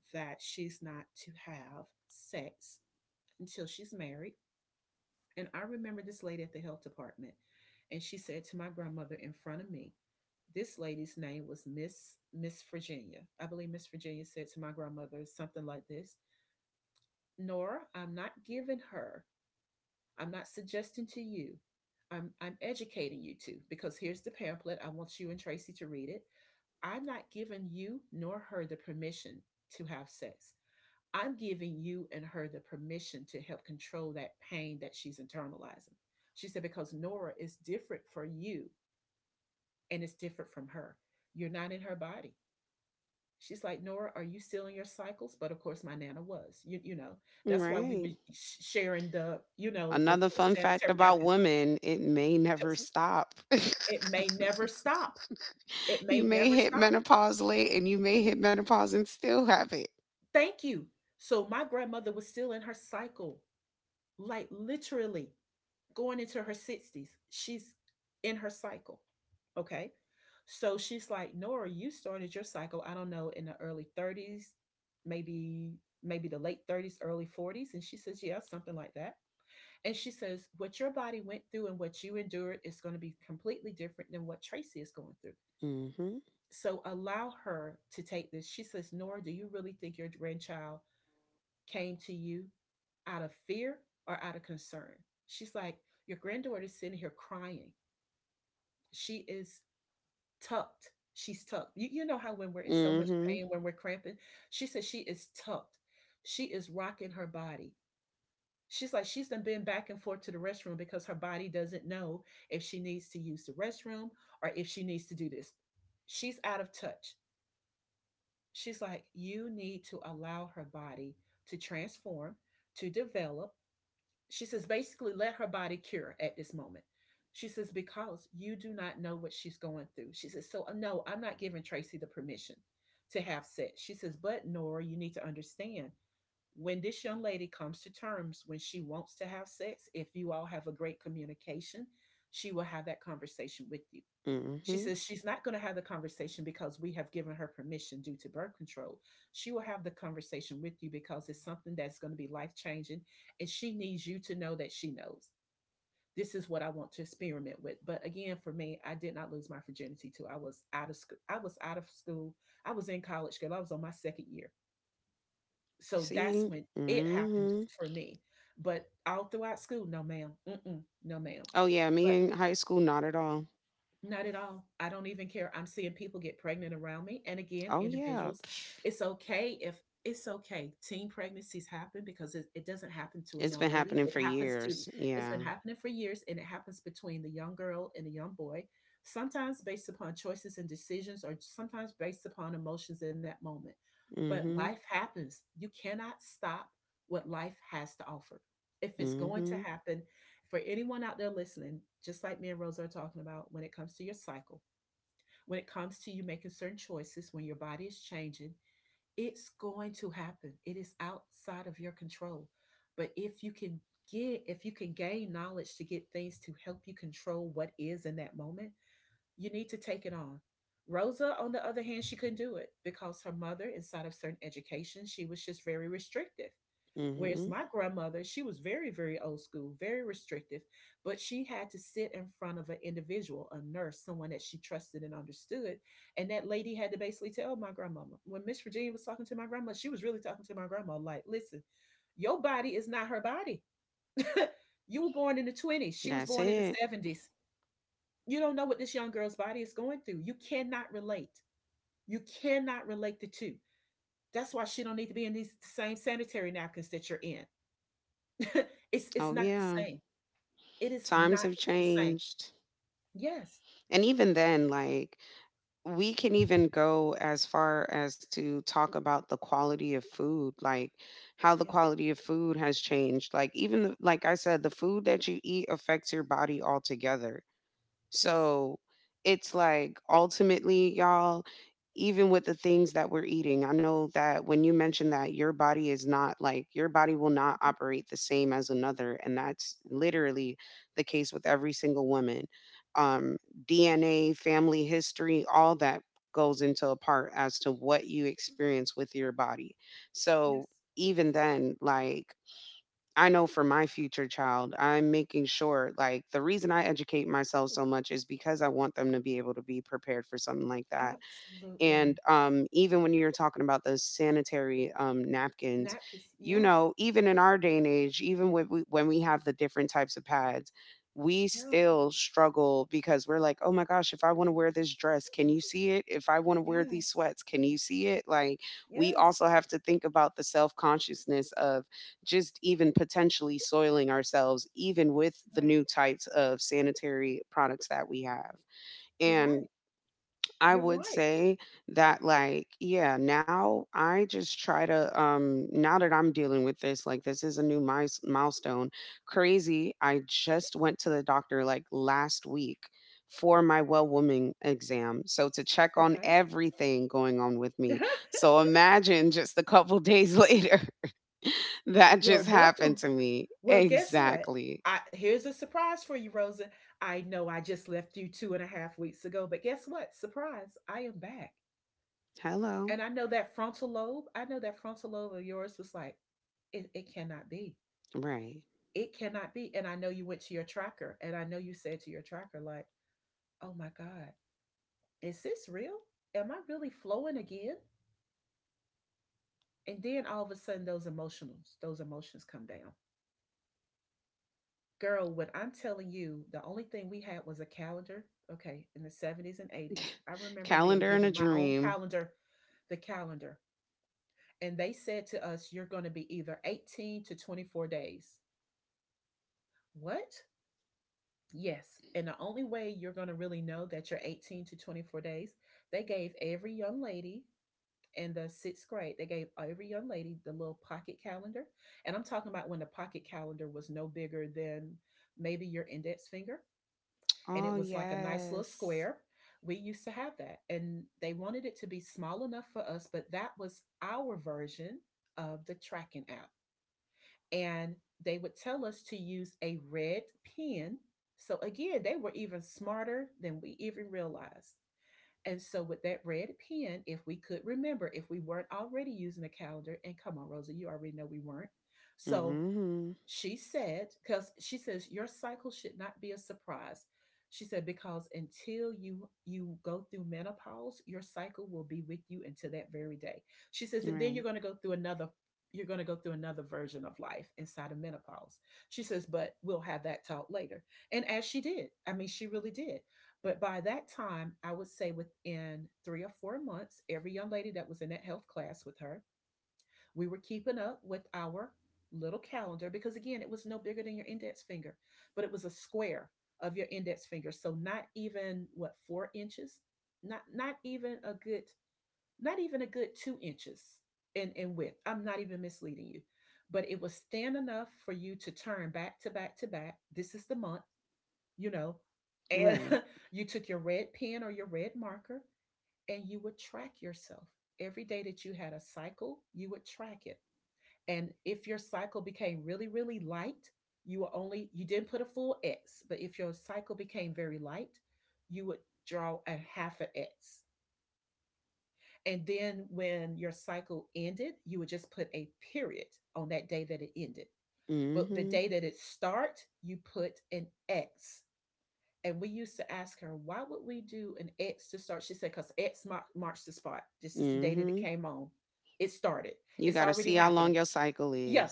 [SPEAKER 1] that she's not to have sex until she's married. And I remember this lady at the health department, and she said to my grandmother in front of me, this lady's name was Miss Virginia. I believe Miss Virginia said to my grandmother something like this. Nora, I'm not giving her, I'm not suggesting to you. I'm educating you two because here's the pamphlet. I want you and Tracy to read it. I'm not giving you nor her the permission to have sex. I'm giving you and her the permission to help control that pain that she's internalizing. She said, because Nora, is different for you and it's different from her. You're not in her body. She's like, Nora, are you still in your cycles? But of course, my Nana was. That's why we were
[SPEAKER 2] Right.
[SPEAKER 1] sharing the,
[SPEAKER 2] Another
[SPEAKER 1] the
[SPEAKER 2] fun fact
[SPEAKER 1] sanitary
[SPEAKER 2] about
[SPEAKER 1] napkins.
[SPEAKER 2] women, it may never stop.
[SPEAKER 1] It may never stop.
[SPEAKER 2] [LAUGHS]
[SPEAKER 1] It may
[SPEAKER 2] You may
[SPEAKER 1] never
[SPEAKER 2] hit
[SPEAKER 1] stop.
[SPEAKER 2] menopause late and you may hit menopause and still have it.
[SPEAKER 1] Thank you. So my grandmother was still in her cycle, like literally, going into her 60s. She's in her cycle. Okay. So she's like, Nora, you started your cycle, I don't know, in the early 30s, maybe the late 30s, early 40s. And she says, yeah, something like that. And she says, what your body went through and what you endured is going to be completely different than what Tracy is going through.
[SPEAKER 2] Mm-hmm.
[SPEAKER 1] So allow her to take this. She says, Nora, do you really think your grandchild came to you out of fear or out of concern. She's like, your granddaughter is sitting here crying. She is tucked. She's tucked. You know how when we're in so much
[SPEAKER 2] Mm-hmm.
[SPEAKER 1] pain, when we're cramping, she says she is tucked. She is rocking her body. She's like, she's done been back and forth to the restroom because her body doesn't know if she needs to use the restroom or if she needs to do this. She's out of touch. She's like, you need to allow her body to transform, to develop. She says, basically, let her body cure at this moment. She says, because you do not know what she's going through. She says, so no, I'm not giving Tracy the permission to have sex. She says, but Nora, you need to understand, when this young lady comes to terms when she wants to have sex, if you all have a great communication, she will have that conversation with you. She
[SPEAKER 2] Mm-hmm.
[SPEAKER 1] says she's not going to have the conversation because we have given her permission due to birth control. She will have the conversation with you because it's something that's going to be life changing, and she needs you to know that she knows. This is what I want to experiment with. But again, for me, I did not lose my virginity till I was out of school. I was out of school. I was in college, girl. I was on my second year. So
[SPEAKER 2] See?
[SPEAKER 1] that's when it happened
[SPEAKER 2] Mm-hmm.
[SPEAKER 1] for me. But all throughout school, no, ma'am. Mm-mm, no, ma'am.
[SPEAKER 2] Oh yeah, me
[SPEAKER 1] But.
[SPEAKER 2] in high school, not at all.
[SPEAKER 1] Not at all. I don't even care. I'm seeing people get pregnant around me. And again,
[SPEAKER 2] Oh yeah.
[SPEAKER 1] individuals, it's okay if it's okay. Teen pregnancies happen because it doesn't happen to a
[SPEAKER 2] It's been
[SPEAKER 1] young lady.
[SPEAKER 2] happening
[SPEAKER 1] It
[SPEAKER 2] for
[SPEAKER 1] happens to,
[SPEAKER 2] years.
[SPEAKER 1] it's been
[SPEAKER 2] Yeah.
[SPEAKER 1] happening for years, and it happens between the young girl and the young boy, sometimes based upon choices and decisions or sometimes based upon emotions in that moment. But
[SPEAKER 2] Mm-hmm.
[SPEAKER 1] life happens. You cannot stop what life has to offer. If it's going to
[SPEAKER 2] Mm-hmm.
[SPEAKER 1] happen, for anyone out there listening, just like me and Rosa are talking about, when it comes to your cycle, when it comes to you making certain choices, when your body is changing, it's going to happen. It is outside of your control. But if you can if you can gain knowledge to get things to help you control what is in that moment, you need to take it on. Rosa, on the other hand, she couldn't do it because her mother, inside of certain education, she was just very restrictive. Whereas
[SPEAKER 2] Mm-hmm.
[SPEAKER 1] my grandmother, she was very, very old school, very restrictive, but she had to sit in front of an individual, a nurse, someone that she trusted and understood. And that lady had to basically tell my grandmama, when Miss Virginia was talking to my grandma, she was really talking to my grandma like, listen, your body is not her body. [LAUGHS] You were born in the 20s, she was
[SPEAKER 2] That's
[SPEAKER 1] born in the
[SPEAKER 2] it.
[SPEAKER 1] 70s. You don't know what this young girl's body is going through. You cannot relate. You cannot relate the two. That's why she don't need to be in these same sanitary napkins that you're in. [LAUGHS] It's
[SPEAKER 2] Oh
[SPEAKER 1] not the
[SPEAKER 2] yeah.
[SPEAKER 1] same. It is
[SPEAKER 2] Times
[SPEAKER 1] not
[SPEAKER 2] have
[SPEAKER 1] the same.
[SPEAKER 2] changed.
[SPEAKER 1] Yes.
[SPEAKER 2] And even then, like, we can even go as far as to talk about the quality of food, like how the
[SPEAKER 1] Yeah.
[SPEAKER 2] quality of food has changed, like even the, like I said, the food that you eat affects your body altogether.
[SPEAKER 1] Yes.
[SPEAKER 2] So it's like ultimately, y'all, even with the things that we're eating, I know that when you mentioned that your body is not like, your body will not
[SPEAKER 1] Mhm.
[SPEAKER 2] operate the same as another. And
[SPEAKER 1] Mm.
[SPEAKER 2] that's literally the case with every single woman. Um, DNA, family history, all that goes into a part as to what you experience with your body. So
[SPEAKER 1] Yes.
[SPEAKER 2] even then, like, I know for my future child, I'm making sure, like, the reason I educate myself so much is because I want them to be able to be prepared for something like that. And
[SPEAKER 1] Absolutely.
[SPEAKER 2] even when you're talking about those sanitary, napkins,
[SPEAKER 1] Napkins.
[SPEAKER 2] you
[SPEAKER 1] Yes.
[SPEAKER 2] know, even in our day and age, even when we have the different types of pads, we
[SPEAKER 1] Yeah.
[SPEAKER 2] still struggle because we're like, oh my gosh, if I want to wear this dress, can you see it? If I want to wear these
[SPEAKER 1] Yes.
[SPEAKER 2] sweats, can you see it? Like, we
[SPEAKER 1] Yes.
[SPEAKER 2] also have to think about the self consciousness of just even potentially soiling ourselves, even with the
[SPEAKER 1] Right.
[SPEAKER 2] new types of sanitary products that we have.
[SPEAKER 1] You're
[SPEAKER 2] And
[SPEAKER 1] right.
[SPEAKER 2] I
[SPEAKER 1] You're
[SPEAKER 2] would
[SPEAKER 1] right.
[SPEAKER 2] say that like, yeah, now I just try to now that I'm dealing with this, like, this is a new milestone. Crazy, I just went to the doctor like last week for my well woman exam. So to check on
[SPEAKER 1] Okay.
[SPEAKER 2] everything going on with me.
[SPEAKER 1] [LAUGHS]
[SPEAKER 2] So imagine just a couple days [LAUGHS] later that
[SPEAKER 1] Well,
[SPEAKER 2] just happened
[SPEAKER 1] welcome.
[SPEAKER 2] to me.
[SPEAKER 1] Well, guess what?
[SPEAKER 2] Exactly.
[SPEAKER 1] I, here's a surprise for you, Rosa. I know I just left you two and a half weeks ago, but guess what? Surprise, I am back.
[SPEAKER 2] Hello.
[SPEAKER 1] And I know that frontal lobe, I know that frontal lobe of yours was like, it cannot be.
[SPEAKER 2] Right. [LAUGHS]
[SPEAKER 1] It cannot be. And I know you went to your tracker and I know you said to your tracker, like, oh my God, is this real? Am I really flowing again? And then all of a sudden, those emotions come down. Girl, when I'm telling you, the only thing we had was a calendar. Okay, in the 70s and 80s. I remember being
[SPEAKER 2] Calendar in
[SPEAKER 1] given
[SPEAKER 2] a
[SPEAKER 1] my own
[SPEAKER 2] dream.
[SPEAKER 1] calendar, the calendar. And they said to us, you're going to be either 18 to 24 days. What? Yes. And the only way you're going to really know that you're 18 to 24 days, they gave every young lady in the sixth grade, they gave every young lady the little pocket calendar. And I'm talking about when the pocket calendar was no bigger than maybe your index finger. And it
[SPEAKER 2] Oh
[SPEAKER 1] was like a nice little
[SPEAKER 2] yes.
[SPEAKER 1] square. We used to have that. And they wanted it to be small enough for us, but that was our version of the tracking app. And they would tell us to use a red pen. So again, they were even smarter than we even realized. And so with that red pen, if we could remember, if we weren't already using a calendar, and come on, Rosa, you already know we weren't. So
[SPEAKER 2] Mhm.
[SPEAKER 1] she said, because she says your cycle should not be a surprise. She said, because until you go through menopause, your cycle will be with you until that very day. She says, and then
[SPEAKER 2] Right.
[SPEAKER 1] you're going to go through another version of life inside of menopause. She says, but we'll have that talk later. And as she did, I mean, she really did. But by that time, I would say within 3 or 4 months, every young lady that was in that health class with her, we were keeping up with our little calendar because, again, it was no bigger than your index finger, but it was a square of your index finger. So not even what, 4 inches, not even a good, not even a good 2 inches in width. I'm not even misleading you, but it was thin enough for you to turn back to back to back. This is the month, you know, and
[SPEAKER 2] Right.
[SPEAKER 1] [LAUGHS] you took your red pen or your red marker, and you would track yourself every day that you had a cycle. You would track it, and if your cycle became really, really light, you didn't put a full X. But if your cycle became very light, you would draw a half an X. And then when your cycle ended, you would just put a period on that day that it ended. But the
[SPEAKER 2] Mhm.
[SPEAKER 1] day that it start, you put an X. And we used to ask her, why would we do an X to start? She said, because X marks the spot. This is the day that it
[SPEAKER 2] Mhm.
[SPEAKER 1] came on. It started.
[SPEAKER 2] You got
[SPEAKER 1] It's
[SPEAKER 2] to see
[SPEAKER 1] already
[SPEAKER 2] how long
[SPEAKER 1] happening.
[SPEAKER 2] your cycle
[SPEAKER 1] Yeah,
[SPEAKER 2] is.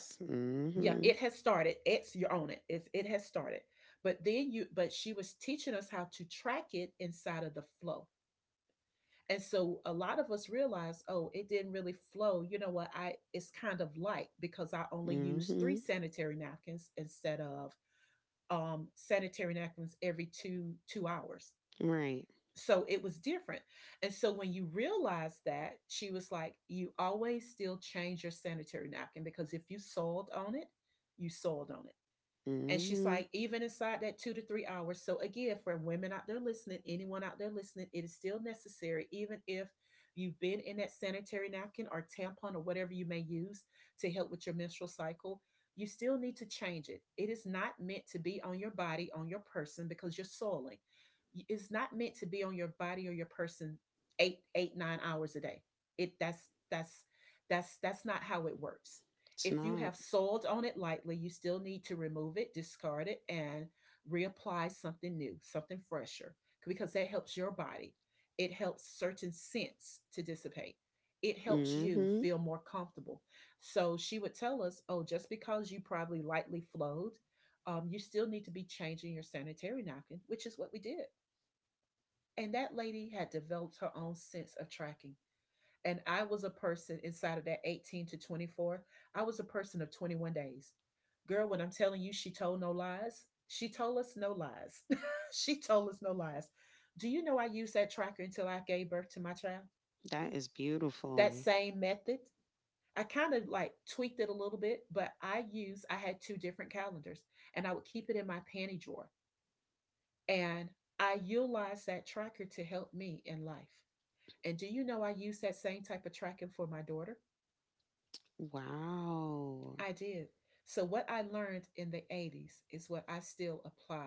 [SPEAKER 1] yeah,
[SPEAKER 2] Mhm.
[SPEAKER 1] it has started. It's your own. It has started, but then you but she was teaching us how to track it inside of the flow. And so a lot of us realize, oh, it didn't really flow. You know what I It's kind of light because I only use
[SPEAKER 2] Mhm.
[SPEAKER 1] three sanitary napkins instead of sanitary napkins every two hours.
[SPEAKER 2] Right.
[SPEAKER 1] So it was different. And so when you realize that, she was like, you always still change your sanitary napkin, because if you soiled on it, you soiled on it. And she's
[SPEAKER 2] Mhm.
[SPEAKER 1] like, even inside that 2 to 3 hours. So, again, for women out there listening, anyone out there listening, it is still necessary, even if you've been in that sanitary napkin or tampon or whatever you may use to help with your menstrual cycle, you still need to change it. It is not meant to be on your body, on your person, because you're soiling. It's not meant to be on your body or your person 9 hours a day. It that's not how it works.
[SPEAKER 2] It's
[SPEAKER 1] If you
[SPEAKER 2] not.
[SPEAKER 1] have soiled on it lightly, you still need to remove it, discard it, and reapply something new, something fresher, because that helps your body. It helps certain scents to dissipate. It helps you
[SPEAKER 2] Mhm.
[SPEAKER 1] feel more comfortable. So she would tell us, oh, just because you probably lightly flowed, you still need to be changing your sanitary napkin, which is what we did. And that lady had developed her own sense of tracking. And I was a person inside of that 18 to 24. I was a person of 21 days. Girl, when I'm telling you, she told no lies, she told us no lies. [LAUGHS] She told us no lies. Do you know I used that tracker until I gave birth to my child?
[SPEAKER 2] That is
[SPEAKER 1] That
[SPEAKER 2] beautiful.
[SPEAKER 1] same method. I kind of like tweaked it a little bit, but I had two different calendars, and I would keep it in my panty drawer. And I utilized that tracker to help me in life. And do you know I use that same type of tracking for my daughter?
[SPEAKER 2] Wow.
[SPEAKER 1] I did. So, what I learned in the 80s is what I still applied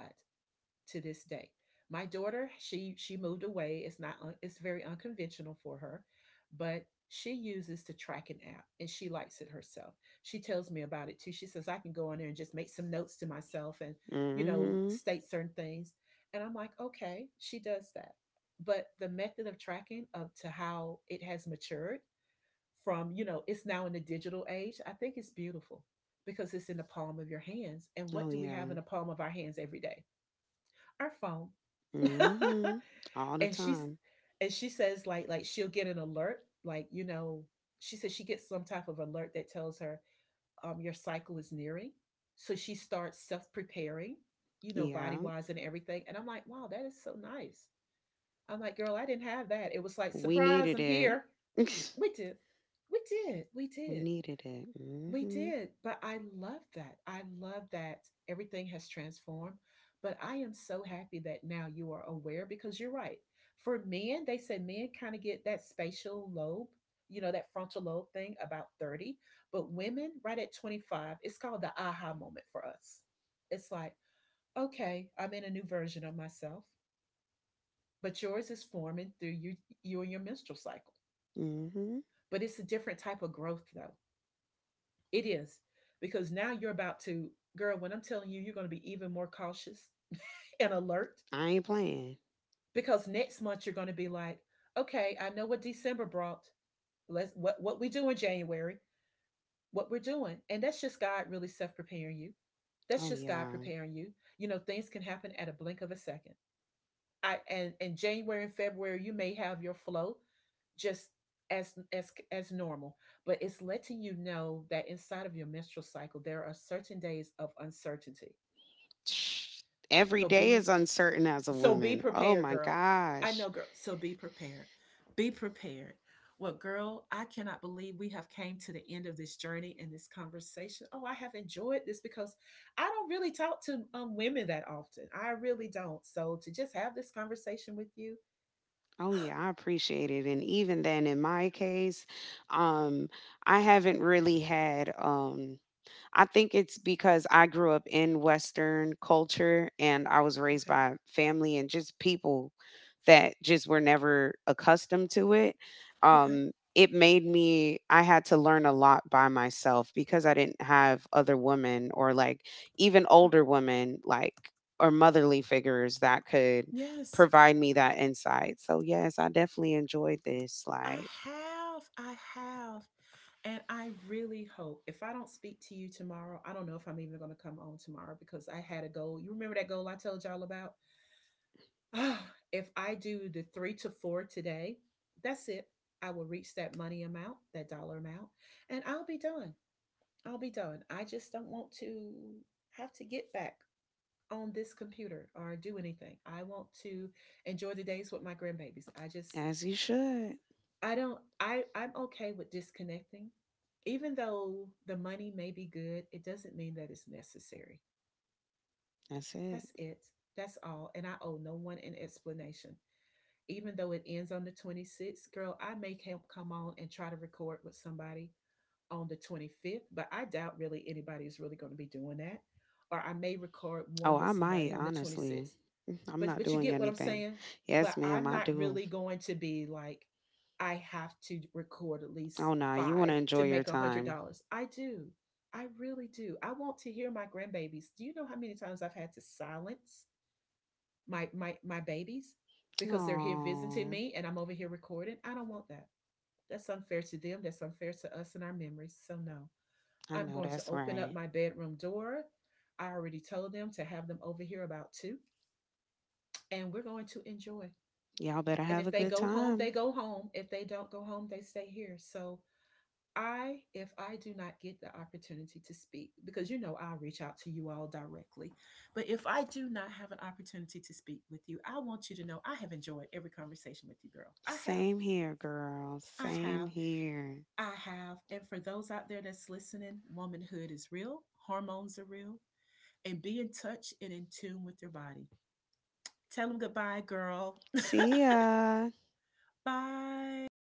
[SPEAKER 1] to this day. My daughter, she moved away. It's not. It's very unconventional for her, but she uses the tracking app, and she likes it herself. She tells me about it too. She says I can go on there and just make some notes to myself and, you know,
[SPEAKER 2] Mhm.
[SPEAKER 1] state certain things. And I'm like, okay, she does that. But the method of tracking of to how it has matured from, it's now in the digital age. I think it's beautiful because it's in the palm of your hands. And
[SPEAKER 2] Oh
[SPEAKER 1] what do we have
[SPEAKER 2] yeah.
[SPEAKER 1] in the palm of our hands every day? Our phone.
[SPEAKER 2] Mhm. All
[SPEAKER 1] [LAUGHS]
[SPEAKER 2] the
[SPEAKER 1] and she's
[SPEAKER 2] time.
[SPEAKER 1] and she says, like, she'll get an alert, like, she says she gets some type of alert that tells her, your cycle is nearing. So she starts self preparing,
[SPEAKER 2] Yeah.
[SPEAKER 1] body wise and everything. And I'm like, wow, that is so nice. I'm like, girl, I didn't have that. It was like,
[SPEAKER 2] We needed
[SPEAKER 1] surprise, I'm
[SPEAKER 2] it.
[SPEAKER 1] here.
[SPEAKER 2] [LAUGHS]
[SPEAKER 1] We did. We did. We
[SPEAKER 2] We
[SPEAKER 1] did.
[SPEAKER 2] needed it.
[SPEAKER 1] We
[SPEAKER 2] Mhm.
[SPEAKER 1] did, but I love that. I love that everything has transformed. But I am so happy that now you are aware, because you're right. For men, they say men kind of get that spatial lobe, that frontal lobe thing about 30. But women, right at 25, it's called the aha moment for us. It's like, okay, I'm in a new version of myself, but yours is forming through you, you and your menstrual cycle.
[SPEAKER 2] Mhm.
[SPEAKER 1] But it's a different type of growth, though. It is, because now you're about to, girl, when I'm telling you, you're going to be even more cautious and alert,
[SPEAKER 2] I ain't playing.
[SPEAKER 1] because next month you're going to be like, okay, I know what December brought. Let's What we do in January, what we're doing, and that's just God really self preparing you.
[SPEAKER 2] Oh
[SPEAKER 1] That's just
[SPEAKER 2] yeah.
[SPEAKER 1] God preparing you. Things can happen at a blink of a second. I And in January and February you may have your flow just as normal, but it's letting you know that inside of your menstrual cycle there are certain days of uncertainty.
[SPEAKER 2] Every
[SPEAKER 1] So
[SPEAKER 2] day is
[SPEAKER 1] be
[SPEAKER 2] uncertain as a
[SPEAKER 1] so be
[SPEAKER 2] woman. Oh
[SPEAKER 1] prepared,
[SPEAKER 2] my
[SPEAKER 1] girl. I
[SPEAKER 2] gosh.
[SPEAKER 1] know, girl. So be prepared. Be prepared. Well, girl, I cannot believe we have came to the end of this journey and this conversation. Oh, I have enjoyed this because I don't really talk to women that often. I really don't. So to just have this conversation with you,
[SPEAKER 2] Oh yeah, I appreciate it. And even then in my case, um I haven't really had I think it's because I grew up in Western culture and I was raised
[SPEAKER 1] okay.
[SPEAKER 2] by family and just people that just were never accustomed to it.
[SPEAKER 1] Okay.
[SPEAKER 2] It made me, I had to learn a lot by myself because I didn't have other women or like even older women, like, or motherly figures that could
[SPEAKER 1] Yes,
[SPEAKER 2] provide me that insight. So, yes, I definitely enjoyed this,
[SPEAKER 1] I
[SPEAKER 2] like,
[SPEAKER 1] have. I have. And I really hope, if I don't speak to you tomorrow, I don't know if I'm even going to come on tomorrow, because I had a goal. You remember that goal I told y'all about? [SIGHS] Ah, if I do the three to four today, that's it. I will reach that money amount, that dollar amount, and I'll be done. I'll be done. I just don't want to have to get back on this computer or do anything. I want to enjoy the days with my grandbabies. I just,
[SPEAKER 2] as you should.
[SPEAKER 1] I don't, I'm okay with disconnecting. Even though the money may be good, it doesn't mean that it's necessary.
[SPEAKER 2] That's it.
[SPEAKER 1] That's it. That's all. And I owe no one an explanation. Even though it ends on the 26th, girl, I may come on and try to record with somebody on the 25th, but I doubt really anybody is really going to be doing that. Or I may record
[SPEAKER 2] Oh,
[SPEAKER 1] one
[SPEAKER 2] I
[SPEAKER 1] with
[SPEAKER 2] might,
[SPEAKER 1] somebody on the
[SPEAKER 2] honestly.
[SPEAKER 1] 26th,
[SPEAKER 2] Mm, I'm
[SPEAKER 1] but
[SPEAKER 2] not
[SPEAKER 1] but you
[SPEAKER 2] doing
[SPEAKER 1] get what I'm
[SPEAKER 2] anything.
[SPEAKER 1] saying?
[SPEAKER 2] Yes,
[SPEAKER 1] But
[SPEAKER 2] ma'am,
[SPEAKER 1] I'm
[SPEAKER 2] I
[SPEAKER 1] not
[SPEAKER 2] do.
[SPEAKER 1] really going to be like, I have to record at
[SPEAKER 2] Oh,
[SPEAKER 1] least
[SPEAKER 2] nah, you want to
[SPEAKER 1] five to
[SPEAKER 2] enjoy your
[SPEAKER 1] make a hundred
[SPEAKER 2] time.
[SPEAKER 1] dollars. I do. I really do. I want to hear my grandbabies. Do you know how many times I've had to silence my babies because they're here visiting
[SPEAKER 2] Oh,
[SPEAKER 1] me and I'm over here recording? I don't want that. That's unfair to them. That's unfair to us and our memories. So no.
[SPEAKER 2] I
[SPEAKER 1] I'm
[SPEAKER 2] know
[SPEAKER 1] going to
[SPEAKER 2] that's
[SPEAKER 1] open
[SPEAKER 2] right.
[SPEAKER 1] up my bedroom door. I already told them to have them over here about two, and we're going to enjoy.
[SPEAKER 2] Y'all better
[SPEAKER 1] And
[SPEAKER 2] have a
[SPEAKER 1] if they
[SPEAKER 2] good
[SPEAKER 1] go home,
[SPEAKER 2] time.
[SPEAKER 1] they go home. If they don't go home, they stay here. So I, if I do not get the opportunity to speak, because you know I'll reach out to you all directly, but if I do not have an opportunity to speak with you, I want you to know I have enjoyed every conversation with you, girl. I have.
[SPEAKER 2] Same here, girl.
[SPEAKER 1] I
[SPEAKER 2] Same
[SPEAKER 1] have.
[SPEAKER 2] here.
[SPEAKER 1] I have. And for those out there that's listening, womanhood is real, hormones are real, and be in touch and in tune with your body. Tell them goodbye, girl.
[SPEAKER 2] See ya.
[SPEAKER 1] [LAUGHS] Bye.